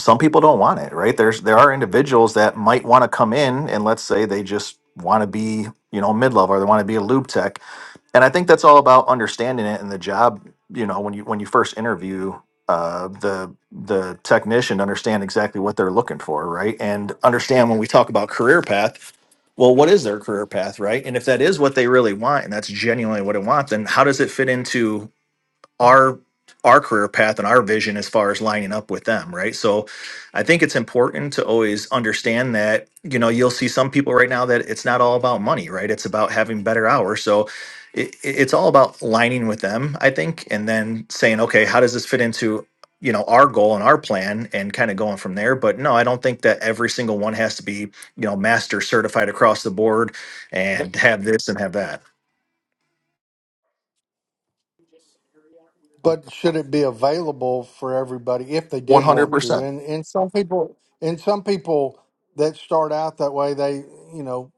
S10: some people don't want it right there's there are individuals that might want to come in and let's say they just want to be you know mid-level or they want to be a lube tech and i think that's all about understanding it and the job you know when you when you first interview uh, the the technician to understand exactly what they're looking for right and understand when we talk about career path well what is their career path right and if that is what they really want and that's genuinely what it wants then how does it fit into our our career path and our vision as far as lining up with them right so i think it's important to always understand that you know you'll see some people right now that it's not all about money right it's about having better hours so it, it's all about lining with them i think and then saying okay how does this fit into you know our goal and our plan and kind of going from there but no i don't think that every single one has to be you know master certified across the board
S1: I
S10: and
S1: think-
S10: have this and have that
S14: But should it be available for everybody if they did want to?
S10: 100%.
S14: And and some people and some people that start out that way, they you know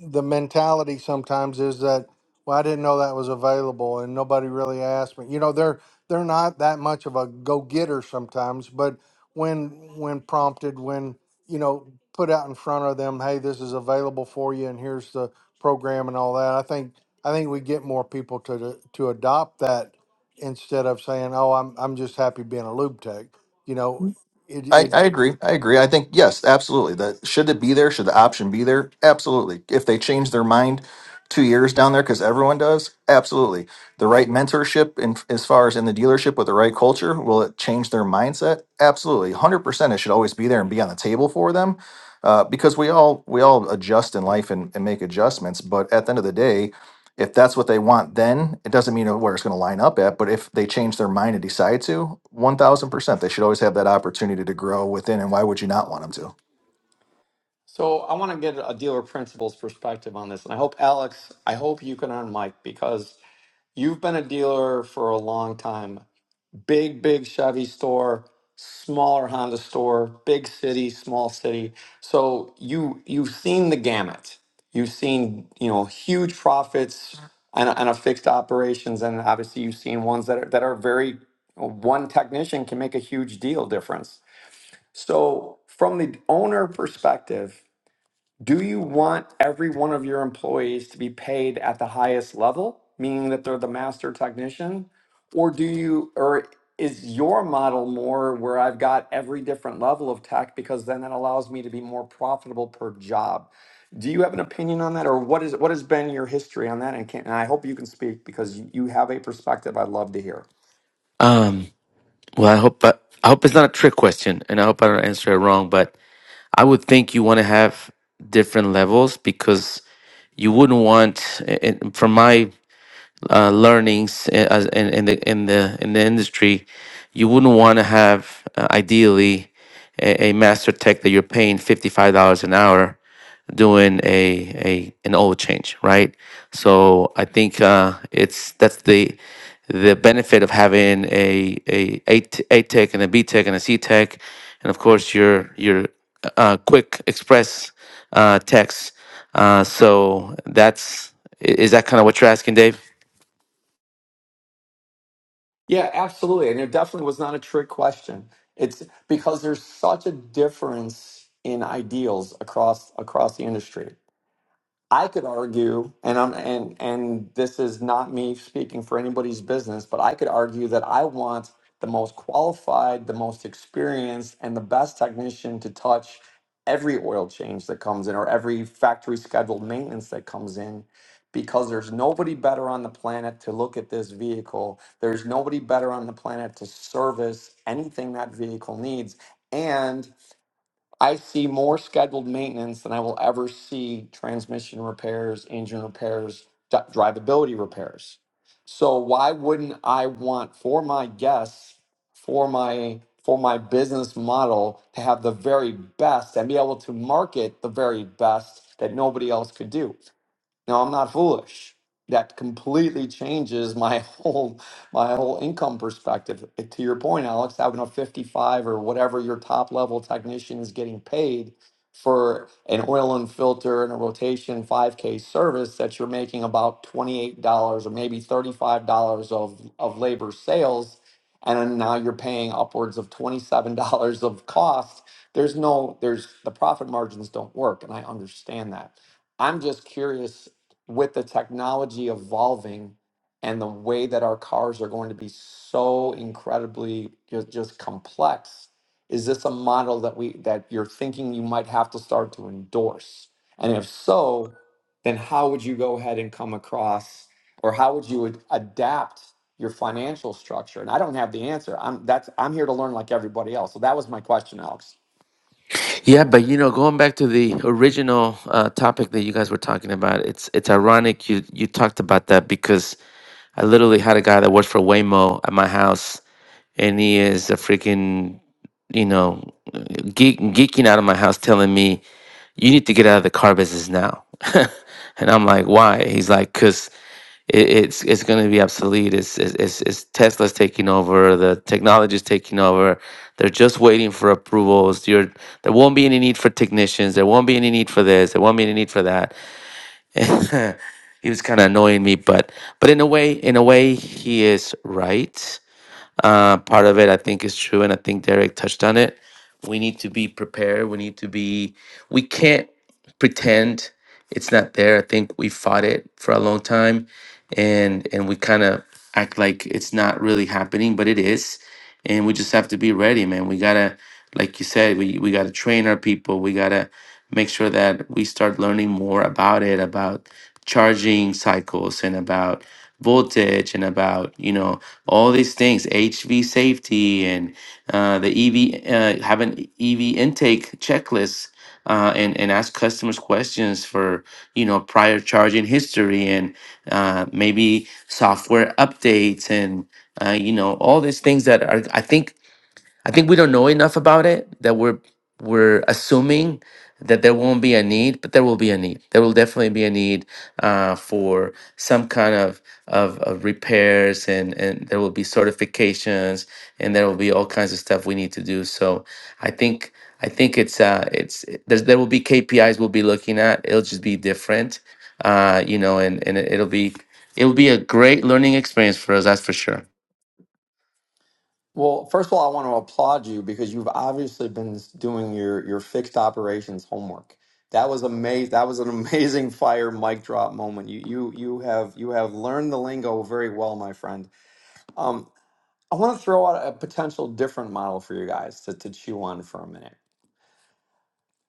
S14: the mentality sometimes is that well i didn't know that was available and nobody really asked me you know they're they're not that much of a go-getter sometimes but when when prompted when you know put out in front of them hey this is available for you and here's the program and all that i think i think we get more people to to adopt that instead of saying oh i'm i'm just happy being a lube tech you know it,
S10: I,
S14: it
S10: I agree. I agree. I think yes, absolutely. That should it be there? Should the option be there? Absolutely. If they change their mind two years down there, because everyone does, absolutely. The right mentorship, in, as far as in the dealership with the right culture, will it change their mindset? Absolutely, hundred percent. It should always be there and be on the table for them, uh, because we all we all adjust in life and, and make adjustments. But at the end of the day, if that's what they want then it doesn't mean where it's going to line up at but if they change their mind and decide to 1000% they should always have that opportunity to grow within and why would you not want them to
S1: So I want to get a dealer principal's perspective on this, and I hope Alex, I hope you can unmic because you've been a dealer for a long time. big, big Chevy store, smaller Honda store, big city, small city. So you you've seen the gamut. You've seen you know huge profits and a, and a fixed operations, and obviously you've seen ones that are that are very one technician can make a huge deal difference. So from the owner perspective, do you want every one of your employees to be paid at the highest level, meaning that they're the master technician? Or do you, or is your model more where I've got every different level of tech because then that allows me to be more profitable per job? Do you have an opinion on that, or what is what has been your history on that? And can, and I hope you can speak because you you have a perspective I'd love to hear.
S15: Um, well, I hope I, I hope it's not a trick question, and I hope I don't answer it wrong. But I would think you want to have different levels because you wouldn't want, i- i- from my uh, learnings i- as in, in the in the in the industry, you wouldn't want to have uh, ideally a, a master tech that you're paying fifty five dollars an hour doing a, a an oil change, right? So I think uh, it's that's the the benefit of having a a a, t- a tech and a B tech and a C tech, and of course your your uh, quick express uh, techs. Uh, so that's i- is that kind of what you're asking, Dave?
S1: Yeah, absolutely. And it definitely was not a trick question. It's because there's such a difference in ideals across across the industry. I could argue, and I'm and and this is not me speaking for anybody's business, but I could argue that I want the most qualified, the most experienced, and the best technician to touch every oil change that comes in or every factory scheduled maintenance that comes in because there's nobody better on the planet to look at this vehicle. There's nobody better on the planet to service anything that vehicle needs. and. I see more scheduled maintenance than I will ever see transmission repairs, engine repairs, d- drivability repairs. So why wouldn't I want for my guests, for my for my business model to have the very best and be able to market the very best that nobody else could do? No, I'm not foolish. That completely changes my whole my whole income perspective. And To your point, Alex, having a 55 or whatever your top level technician is getting paid for an oil and filter and a rotation 5K service that you're making about $28 or maybe $35 of, of labor sales. And then now you're paying upwards of $27 of cost. There's no, there's the profit margins don't work. And I understand that. I'm just curious with the technology evolving and the way that our cars are going to be so incredibly just, just complex is this a model that we that you're thinking you might have to start to endorse and if so then how would you go ahead and come across or how would you ad- adapt your financial structure and i don't have the answer i'm that's i'm here to learn like everybody else so that was my question alex
S15: Yeah, but you know, going back to the original uh, topic that you guys were talking about, it's it's ironic you you talked about that because I literally had a guy that worked for Waymo at my house, and he is a freaking you know, geek, geeking out of my house telling me, you need to get out of the car business now. and I'm like, why? He's like, because it, it's it's going to be obsolete. It's, it's it's it's Tesla's taking over. The technology's taking over. They're just waiting for approvals. You're, there won't be any need for technicians. There won't be any need for this. There won't be any need for that. he was kind of annoying me, but but in a way, in a way, he is right. Uh, part of it, I think, is true, and I think Derek touched on it. We need to be prepared. We need to be. We can't pretend it's not there. I think we fought it for a long time, and and we kind of act like it's not really happening, but it is. And we just have to be ready, man. We gotta, like you said, we we gotta train our people. We gotta make sure that we start learning more about it, about charging cycles and about voltage and about you know all these things hv safety and uh, the ev uh, have an ev intake checklist uh, and and ask customers questions for you know prior charging history and uh, maybe software updates and uh, you know all these things that are i think I think we don't know enough about it that we're we're assuming that there won't be a need, but there will be a need. There will definitely be a need uh, for some kind of, of of repairs, and and there will be certifications, and there will be all kinds of stuff we need to do. So I think I think it's uh it's there's, there will be KPIs we'll be looking at. It'll just be different, uh, you know, and and it'll be it'll be a great learning experience for us. That's for sure.
S1: Well, first of all, I want to applaud you because you've obviously been doing your your fixed operations homework. That was amazing. That was an amazing fire mic drop moment. You you you have you have learned the lingo very well, my friend. Um, I want to throw out a potential different model for you guys to, to chew on for a minute.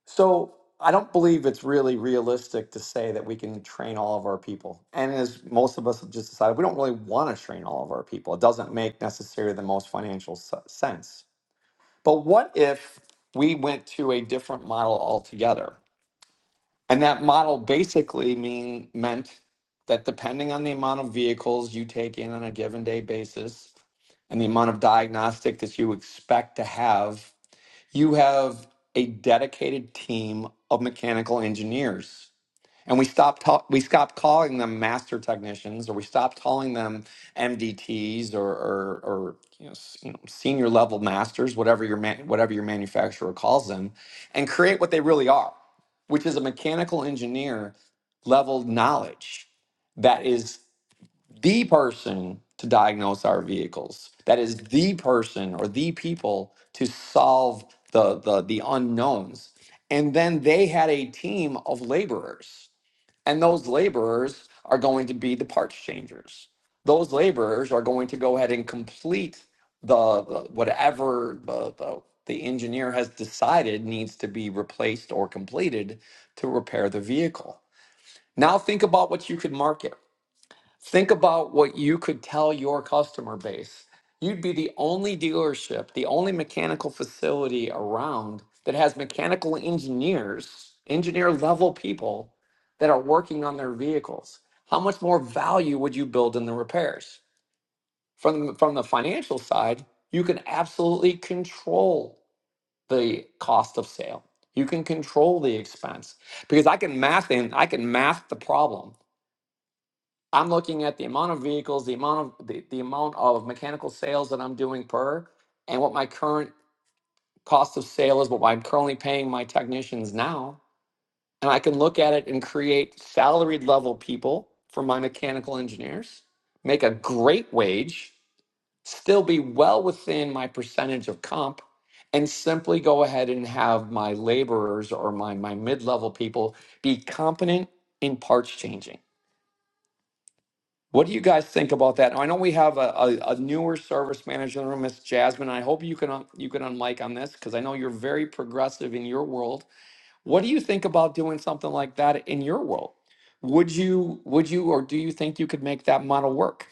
S1: So I don't believe it's really realistic to say that we can train all of our people. And as most of us have just decided, we don't really want to train all of our people. It doesn't make necessarily the most financial se- sense. But what if we went to a different model altogether? And that model basically mean meant that depending on the amount of vehicles you take in on a given day basis and the amount of diagnostic that you expect to have, you have a dedicated team of mechanical engineers and we stopped ta- we stopped calling them master technicians or we stopped calling them MDTs or or, or you, know, s- you know senior level masters whatever your man, whatever your manufacturer calls them and create what they really are which is a mechanical engineer level knowledge that is the person to diagnose our vehicles that is the person or the people to solve the the, the unknowns and then they had a team of laborers and those laborers are going to be the parts changers. Those laborers are going to go ahead and complete the the- whatever the, the, the engineer has decided needs to be replaced or completed to repair the vehicle. Now think about what you could market. Think about what you could tell your customer base. You'd be the only dealership, the only mechanical facility around that has mechanical engineers, engineer level people that are working on their vehicles. How much more value would you build in the repairs? From, from the financial side, you can absolutely control the cost of sale. You can control the expense because I can math in, I can math the problem. I'm looking at the amount of vehicles, the amount of the, the amount of mechanical sales that I'm doing per, and what my current cost of sale is, what I'm currently paying my technicians now. And I can look at it and create salaried level people for my mechanical engineers, make a great wage, still be well within my percentage of comp, and simply go ahead and have my laborers or my, my mid level people be competent in parts changing What do you guys think about that? I know we have a, a, a newer service manager in the room, Miss Jasmine. I hope you can un- you can unmic on this because I know you're very progressive in your world. What do you think about doing something like that in your world? Would you would you or do you think you could make that model work?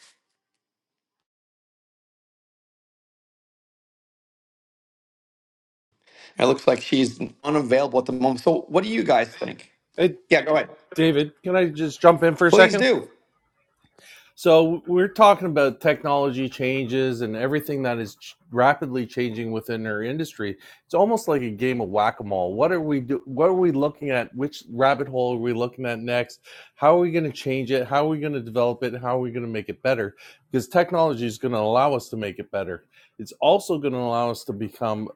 S1: It looks like she's unavailable at the moment. So what do you guys think?
S16: Hey,
S1: Yeah, go ahead.
S16: David, can I just jump in for a
S1: Please
S16: second?
S1: do.
S16: So, we're talking about technology changes and everything that is ch- rapidly changing within our industry. It's almost like a game of whack-a-mole. What are we do what are we looking at? Which rabbit hole are we looking at next? How are we going to change it? How are we going to develop it? How are we going to make it better? Because technology is going to allow us to make it better. It's also going to allow us to become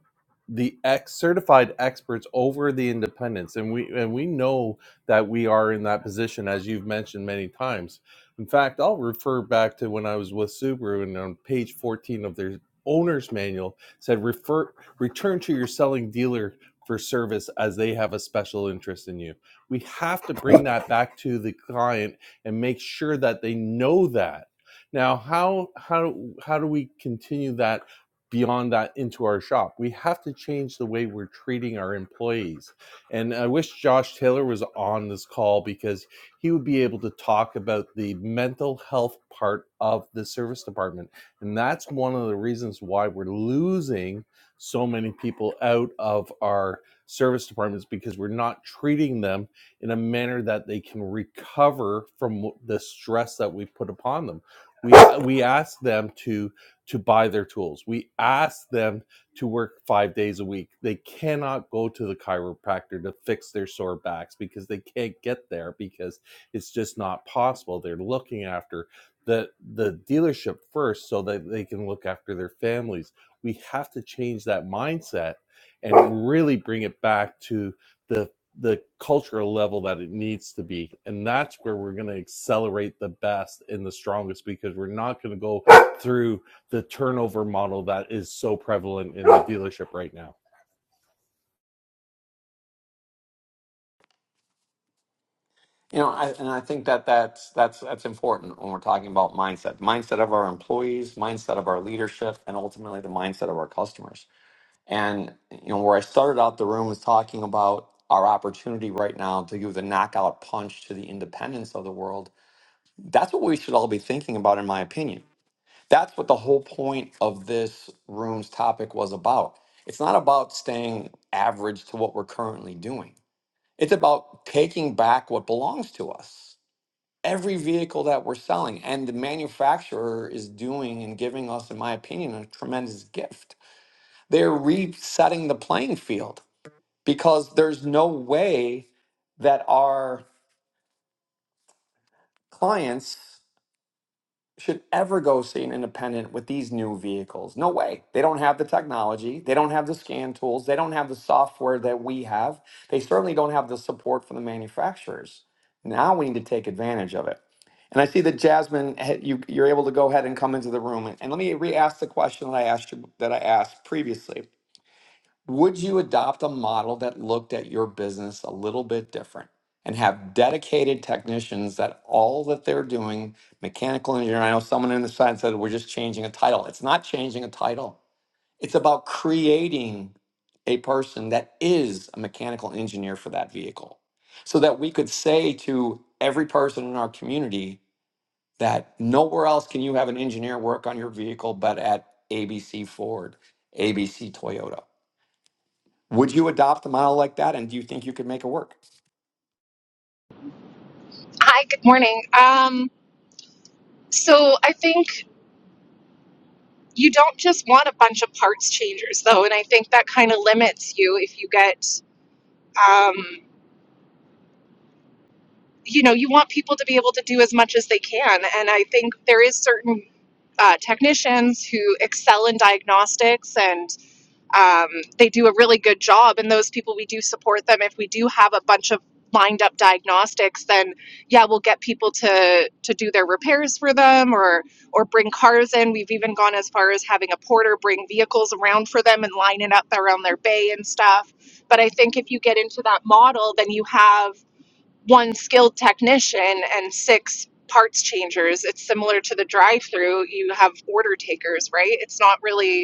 S16: the ex certified experts over the independents and we and we know that we are in that position as you've mentioned many times in fact i'll refer back to when i was with subaru and on page 14 of their owner's manual said refer return to your selling dealer for service as they have a special interest in you we have to bring that back to the client and make sure that they know that now how how how do we continue that beyond that into our shop. We have to change the way we're treating our employees. And I wish Josh Taylor was on this call because he would be able to talk about the mental health part of the service department. And that's one of the reasons why we're losing so many people out of our service departments because we're not treating them in a manner that they can recover from the stress that we put upon them. We we ask them to to buy their tools. We ask them to work five days a week. They cannot go to the chiropractor to fix their sore backs because they can't get there because it's just not possible. They're looking after the the dealership first so that they can look after their families. We have to change that mindset and really bring it back to the the cultural level that it needs to be. And that's where we're going to accelerate the best and the strongest because we're not going to go through the turnover model that is so prevalent in the dealership right now
S1: You know, I, and I think that that's that's that's important when we're talking about mindset, mindset of our employees, mindset of our leadership, and ultimately the mindset of our customers. And you know, where I started out the room was talking about our opportunity right now to give the knockout punch to the independence of the world. That's what we should all be thinking about, in my opinion. That's what the whole point of this room's topic was about. It's not about staying average to what we're currently doing. It's about taking back what belongs to us. Every vehicle that we're selling and the manufacturer is doing and giving us, in my opinion, a tremendous gift. They're resetting the playing field because there's no way that our clients should ever go see an independent with these new vehicles. No way. They don't have the technology, they don't have the scan tools, they don't have the software that we have. They certainly don't have the support from the manufacturers. Now we need to take advantage of it. And I see that Jasmine, eh, you, you're able to go ahead and come into the room. And, and let me re-ask the question that I asked you that I asked previously. Would you adopt a model that looked at your business a little bit different and have dedicated technicians that all that they're doing, mechanical engineer? I know someone in the side said we're just changing a title. It's not changing a title. It's about creating a person that is a mechanical engineer for that vehicle so that we could say to every person in our community that nowhere else can you have an engineer work on your vehicle but at ABC Ford, ABC Toyota. Would you adopt a model like that, and do you think you could make it work?
S17: Hi, good morning. Um, so I think you don't just want a bunch of parts changers, though, and I think that kind of limits you if you get, um, you know, you want people to be able to do as much as they can, and I think there is certain uh, technicians who excel in diagnostics and um, they do a really good job and those people we do support them if we do have a bunch of lined up diagnostics then yeah we'll get people to to do their repairs for them or or bring cars in we've even gone as far as having a porter bring vehicles around for them and lining up around their bay and stuff but i think if you get into that model then you have one skilled technician and six parts changers it's similar to the drive through you have order takers right it's not really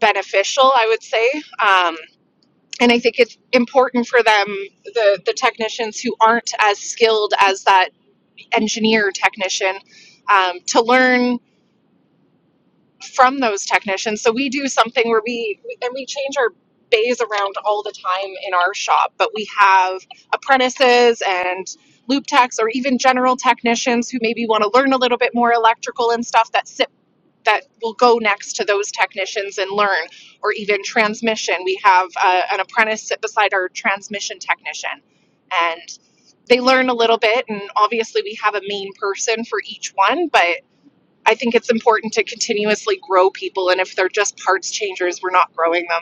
S17: beneficial, I would say. Um, and I think it's important for them, the, the technicians who aren't as skilled as that engineer technician, um, to learn from those technicians. So we do something where we, and we change our bays around all the time in our shop, but we have apprentices and loop techs or even general technicians who maybe want to learn a little bit more electrical and stuff that sit that will go next to those technicians and learn, or even transmission. We have uh, an apprentice sit beside our transmission technician, and they learn a little bit. And obviously, we have a main person for each one, but I think it's important to continuously grow people. And if they're just parts changers, we're not growing them.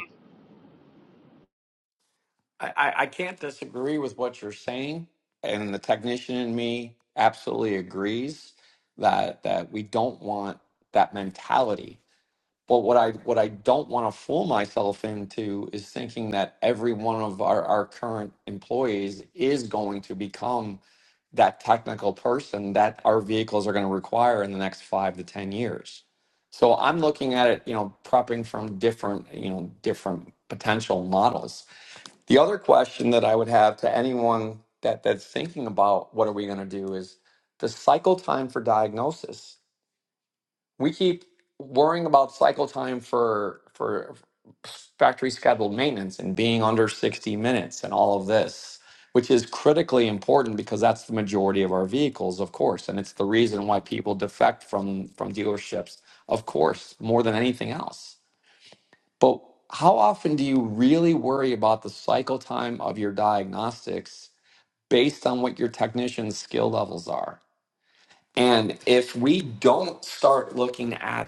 S1: I, I, I can't disagree with what you're saying, and the technician in me absolutely agrees that that we don't want that mentality But what I what I don't want to fool myself into is thinking that every one of our, our current employees is going to become that technical person that our vehicles are going to require in the next five to ten years. So I'm looking at it, you know, prepping from different, you know, different potential models. The other question that I would have to anyone that that's thinking about what are we going to do is the cycle time for diagnosis we keep worrying about cycle time for for factory scheduled maintenance and being under 60 minutes and all of this which is critically important because that's the majority of our vehicles of course and it's the reason why people defect from from dealerships of course more than anything else but how often do you really worry about the cycle time of your diagnostics based on what your technician's skill levels are and if we don't start looking at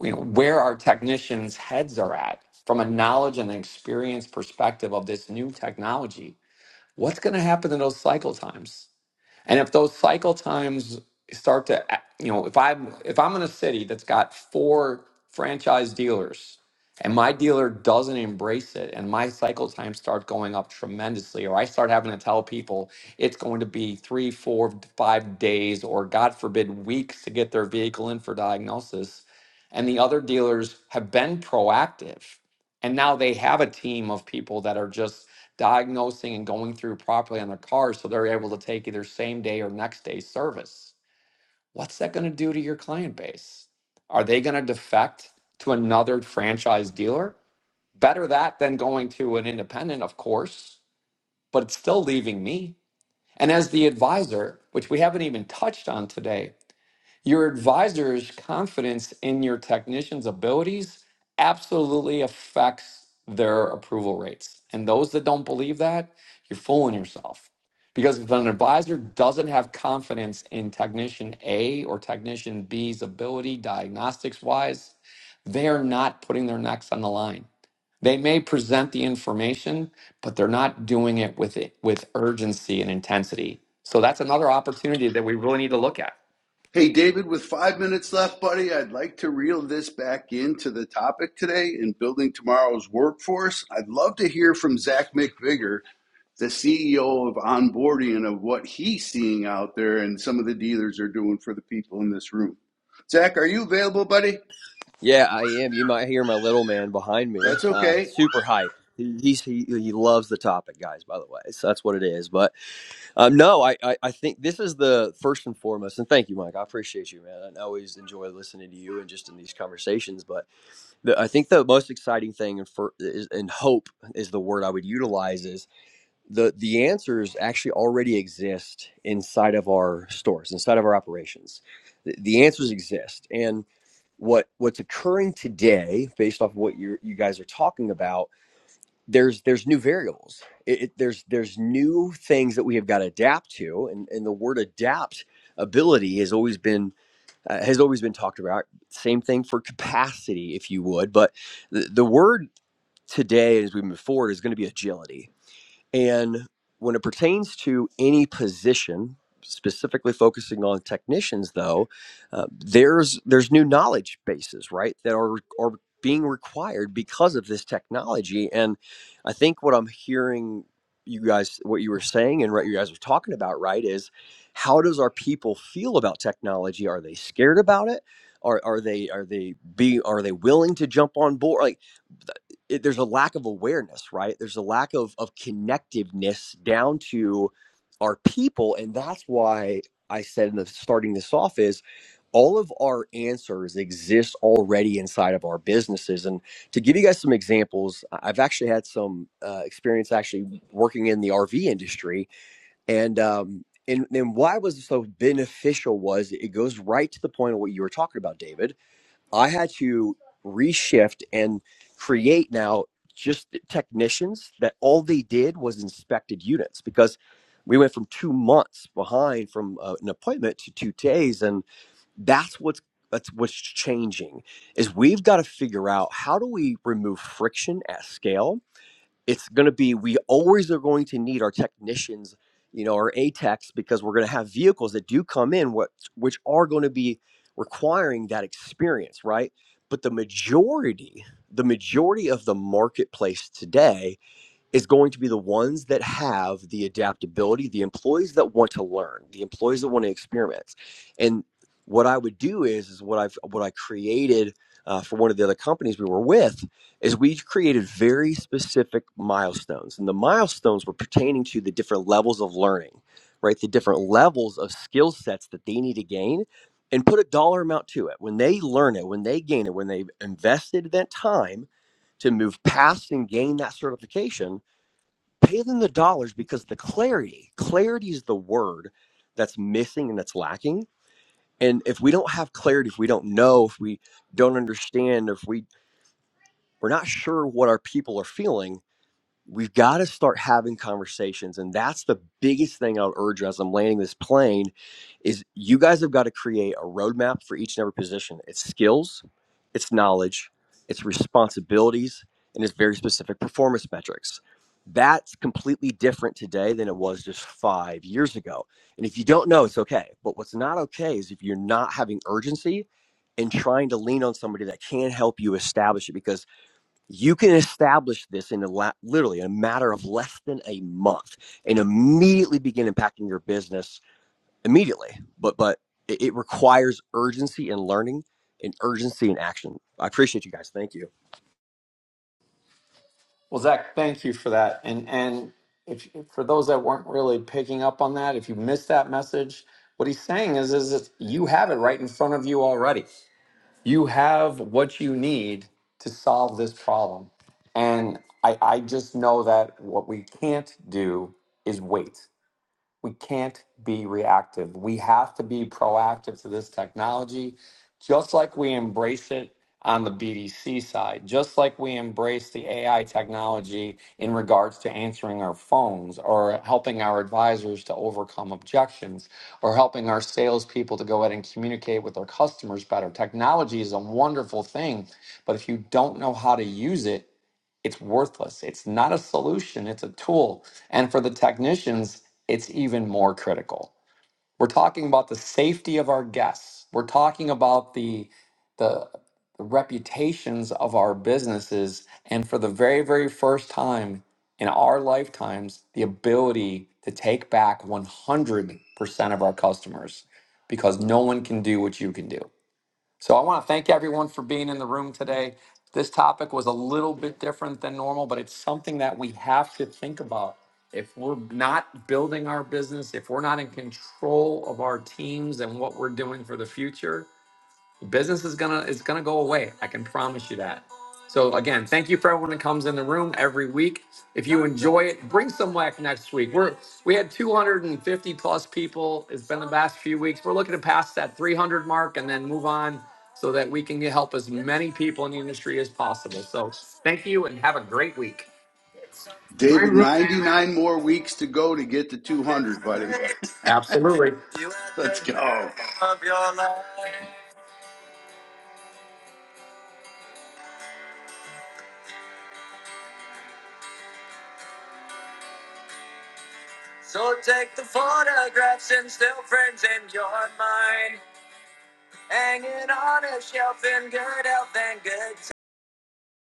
S1: you know, where our technicians' heads are at from a knowledge and experience perspective of this new technology. What's going to happen to those cycle times? And if those cycle times start to, you know, if I'm if I'm in a city that's got four franchise dealers and my dealer doesn't embrace it and my cycle times start going up tremendously or i start having to tell people it's going to be three four five days or god forbid weeks to get their vehicle in for diagnosis and the other dealers have been proactive and now they have a team of people that are just diagnosing and going through properly on their cars so they're able to take either same day or next day service. What's that going to do to your client base? Are they going to defect to another franchise dealer? Better that than going to an independent, of course, but it's still leaving me. And as the advisor, which we haven't even touched on today, your advisor's confidence in your technician's abilities absolutely affects their approval rates. And those that don't believe that, you're fooling yourself. Because if an advisor doesn't have confidence in technician A or technician B's ability diagnostics wise, they are not putting their necks on the line. They may present the information, but they're not doing it with it, with urgency and intensity. So that's another opportunity that we really need to look at.
S5: Hey, David, with five minutes left, buddy, I'd like to reel this back into the topic today in building tomorrow's workforce. I'd love to hear from Zach McVigor, the CEO of Onboarding, and of what he's seeing out there and some of the dealers are doing for the people in this room. Zach, are you available, buddy?
S18: Yeah, I am. You might hear my little man behind me.
S5: That's
S18: Uh,
S5: okay.
S18: super hype. He, he's, he he loves the topic, guys. By the way, so that's what it is. But um, no, I, I I think this is the first and foremost. And thank you, Mike. I appreciate you, man. I always enjoy listening to you and just in these conversations. But the, I think the most exciting thing and for is and hope is the word I would utilize is the the answers actually already exist inside of our stores inside of our operations the, the answers exist and what what's occurring today based off of what you you guys are talking about there's there's new variables it, it- there's there's new things that we have got to adapt to and and the word adaptability has always been uh, has always been talked about same thing for capacity if you would but the, the word today as we move forward is going to be agility and when it pertains to any position, specifically focusing on technicians, though, uh, there's there's new knowledge bases, right, that are are being required because of this technology. And I think what I'm hearing you guys what you were saying and what you guys were talking about right is how does our people feel about technology are they scared about it are, are they are they be are they willing to jump on board Like, it, there's a lack of awareness, right? There's a lack of of connectiveness down to our people, and that's why I said in the starting this off is all of our answers exist already inside of our businesses. And to give you guys some examples, I- have actually had some uh, experience actually working in the RV industry, and um, and and why was it so beneficial was it goes right to the point of what you were talking about, David I had to reshift and create now just technicians that all they did was inspected units because we went from two months behind from uh, an appointment to two days, and that's what's that's what's changing is we've got to figure out how do we remove friction at scale it's going to be we always are going to need our technicians you know our atex because we're going to have vehicles that do come in what which are going to be requiring that experience right but the majority the majority of the marketplace today is going to be the ones that have the adaptability, the employees that want to learn, the employees that want to experiment. And what I would do is, is what I've what I created uh, for one of the other companies we were with is we created very specific milestones, and the milestones were pertaining to the different levels of learning, right? The different levels of skill sets that they need to gain. And put a dollar amount to it. When they learn it, when they gain it, when they've invested that time to move past and gain that certification, Pay them the dollars because the clarity, clarity is the word that's missing and that's lacking. And if we don't have clarity, if we don't know, if we don't understand, if we we're not sure what our people are feeling, we've got to start having conversations and that's the biggest thing i'll urge as i'm landing this plane is you guys have got to create a roadmap for each and every position it's skills it's knowledge it's responsibilities and it's very specific performance metrics that's completely different today than it was just five years ago and if you don't know it's okay but what's not okay is if you're not having urgency and trying to lean on somebody that can help you establish it because you can establish this in a la- literally in a matter of less than a month and immediately begin impacting your business immediately. But but it, it requires urgency and learning and urgency and action. I appreciate you guys. Thank you.
S1: Well, Zach, thank you for that. And and if for those that weren't really picking up on that, if you missed that message, what he's saying is is that you have it right in front of you already. You have what you need to solve this problem. And I, I just know that what we can't do is wait. We can't be reactive. We have to be proactive to this technology, just like we embrace it on the BDC side, just like we embrace the AI technology in regards to answering our phones or helping our advisors to overcome objections or helping our salespeople to go ahead and communicate with their customers better. Technology is a wonderful thing, but if you don't know how to use it, it's worthless. It's not a solution, it's a tool. And for the technicians, it's even more critical. We're talking about the safety of our guests. We're talking about the the reputations of our businesses and for the very very first time in our lifetimes the ability to take back 100% of our customers because no one can do what you can do. So I want to thank everyone for being in the room today. This topic was a little bit different than normal, but it's something that we have to think about. If we're not building our business, if we're not in control of our teams and what we're doing for the future, business is gonna it's gonna go away i can promise you that so again thank you for everyone that comes in the room every week if you enjoy it bring some whack next week we're we had 250 plus people it's been the past few weeks we're looking to pass that 300 mark and then move on so that we can help as many people in the industry as possible so thank you and have a great week
S5: David,
S19: I
S5: 99 more weeks to go to get to 200, buddy.
S1: absolutely
S5: Let's go.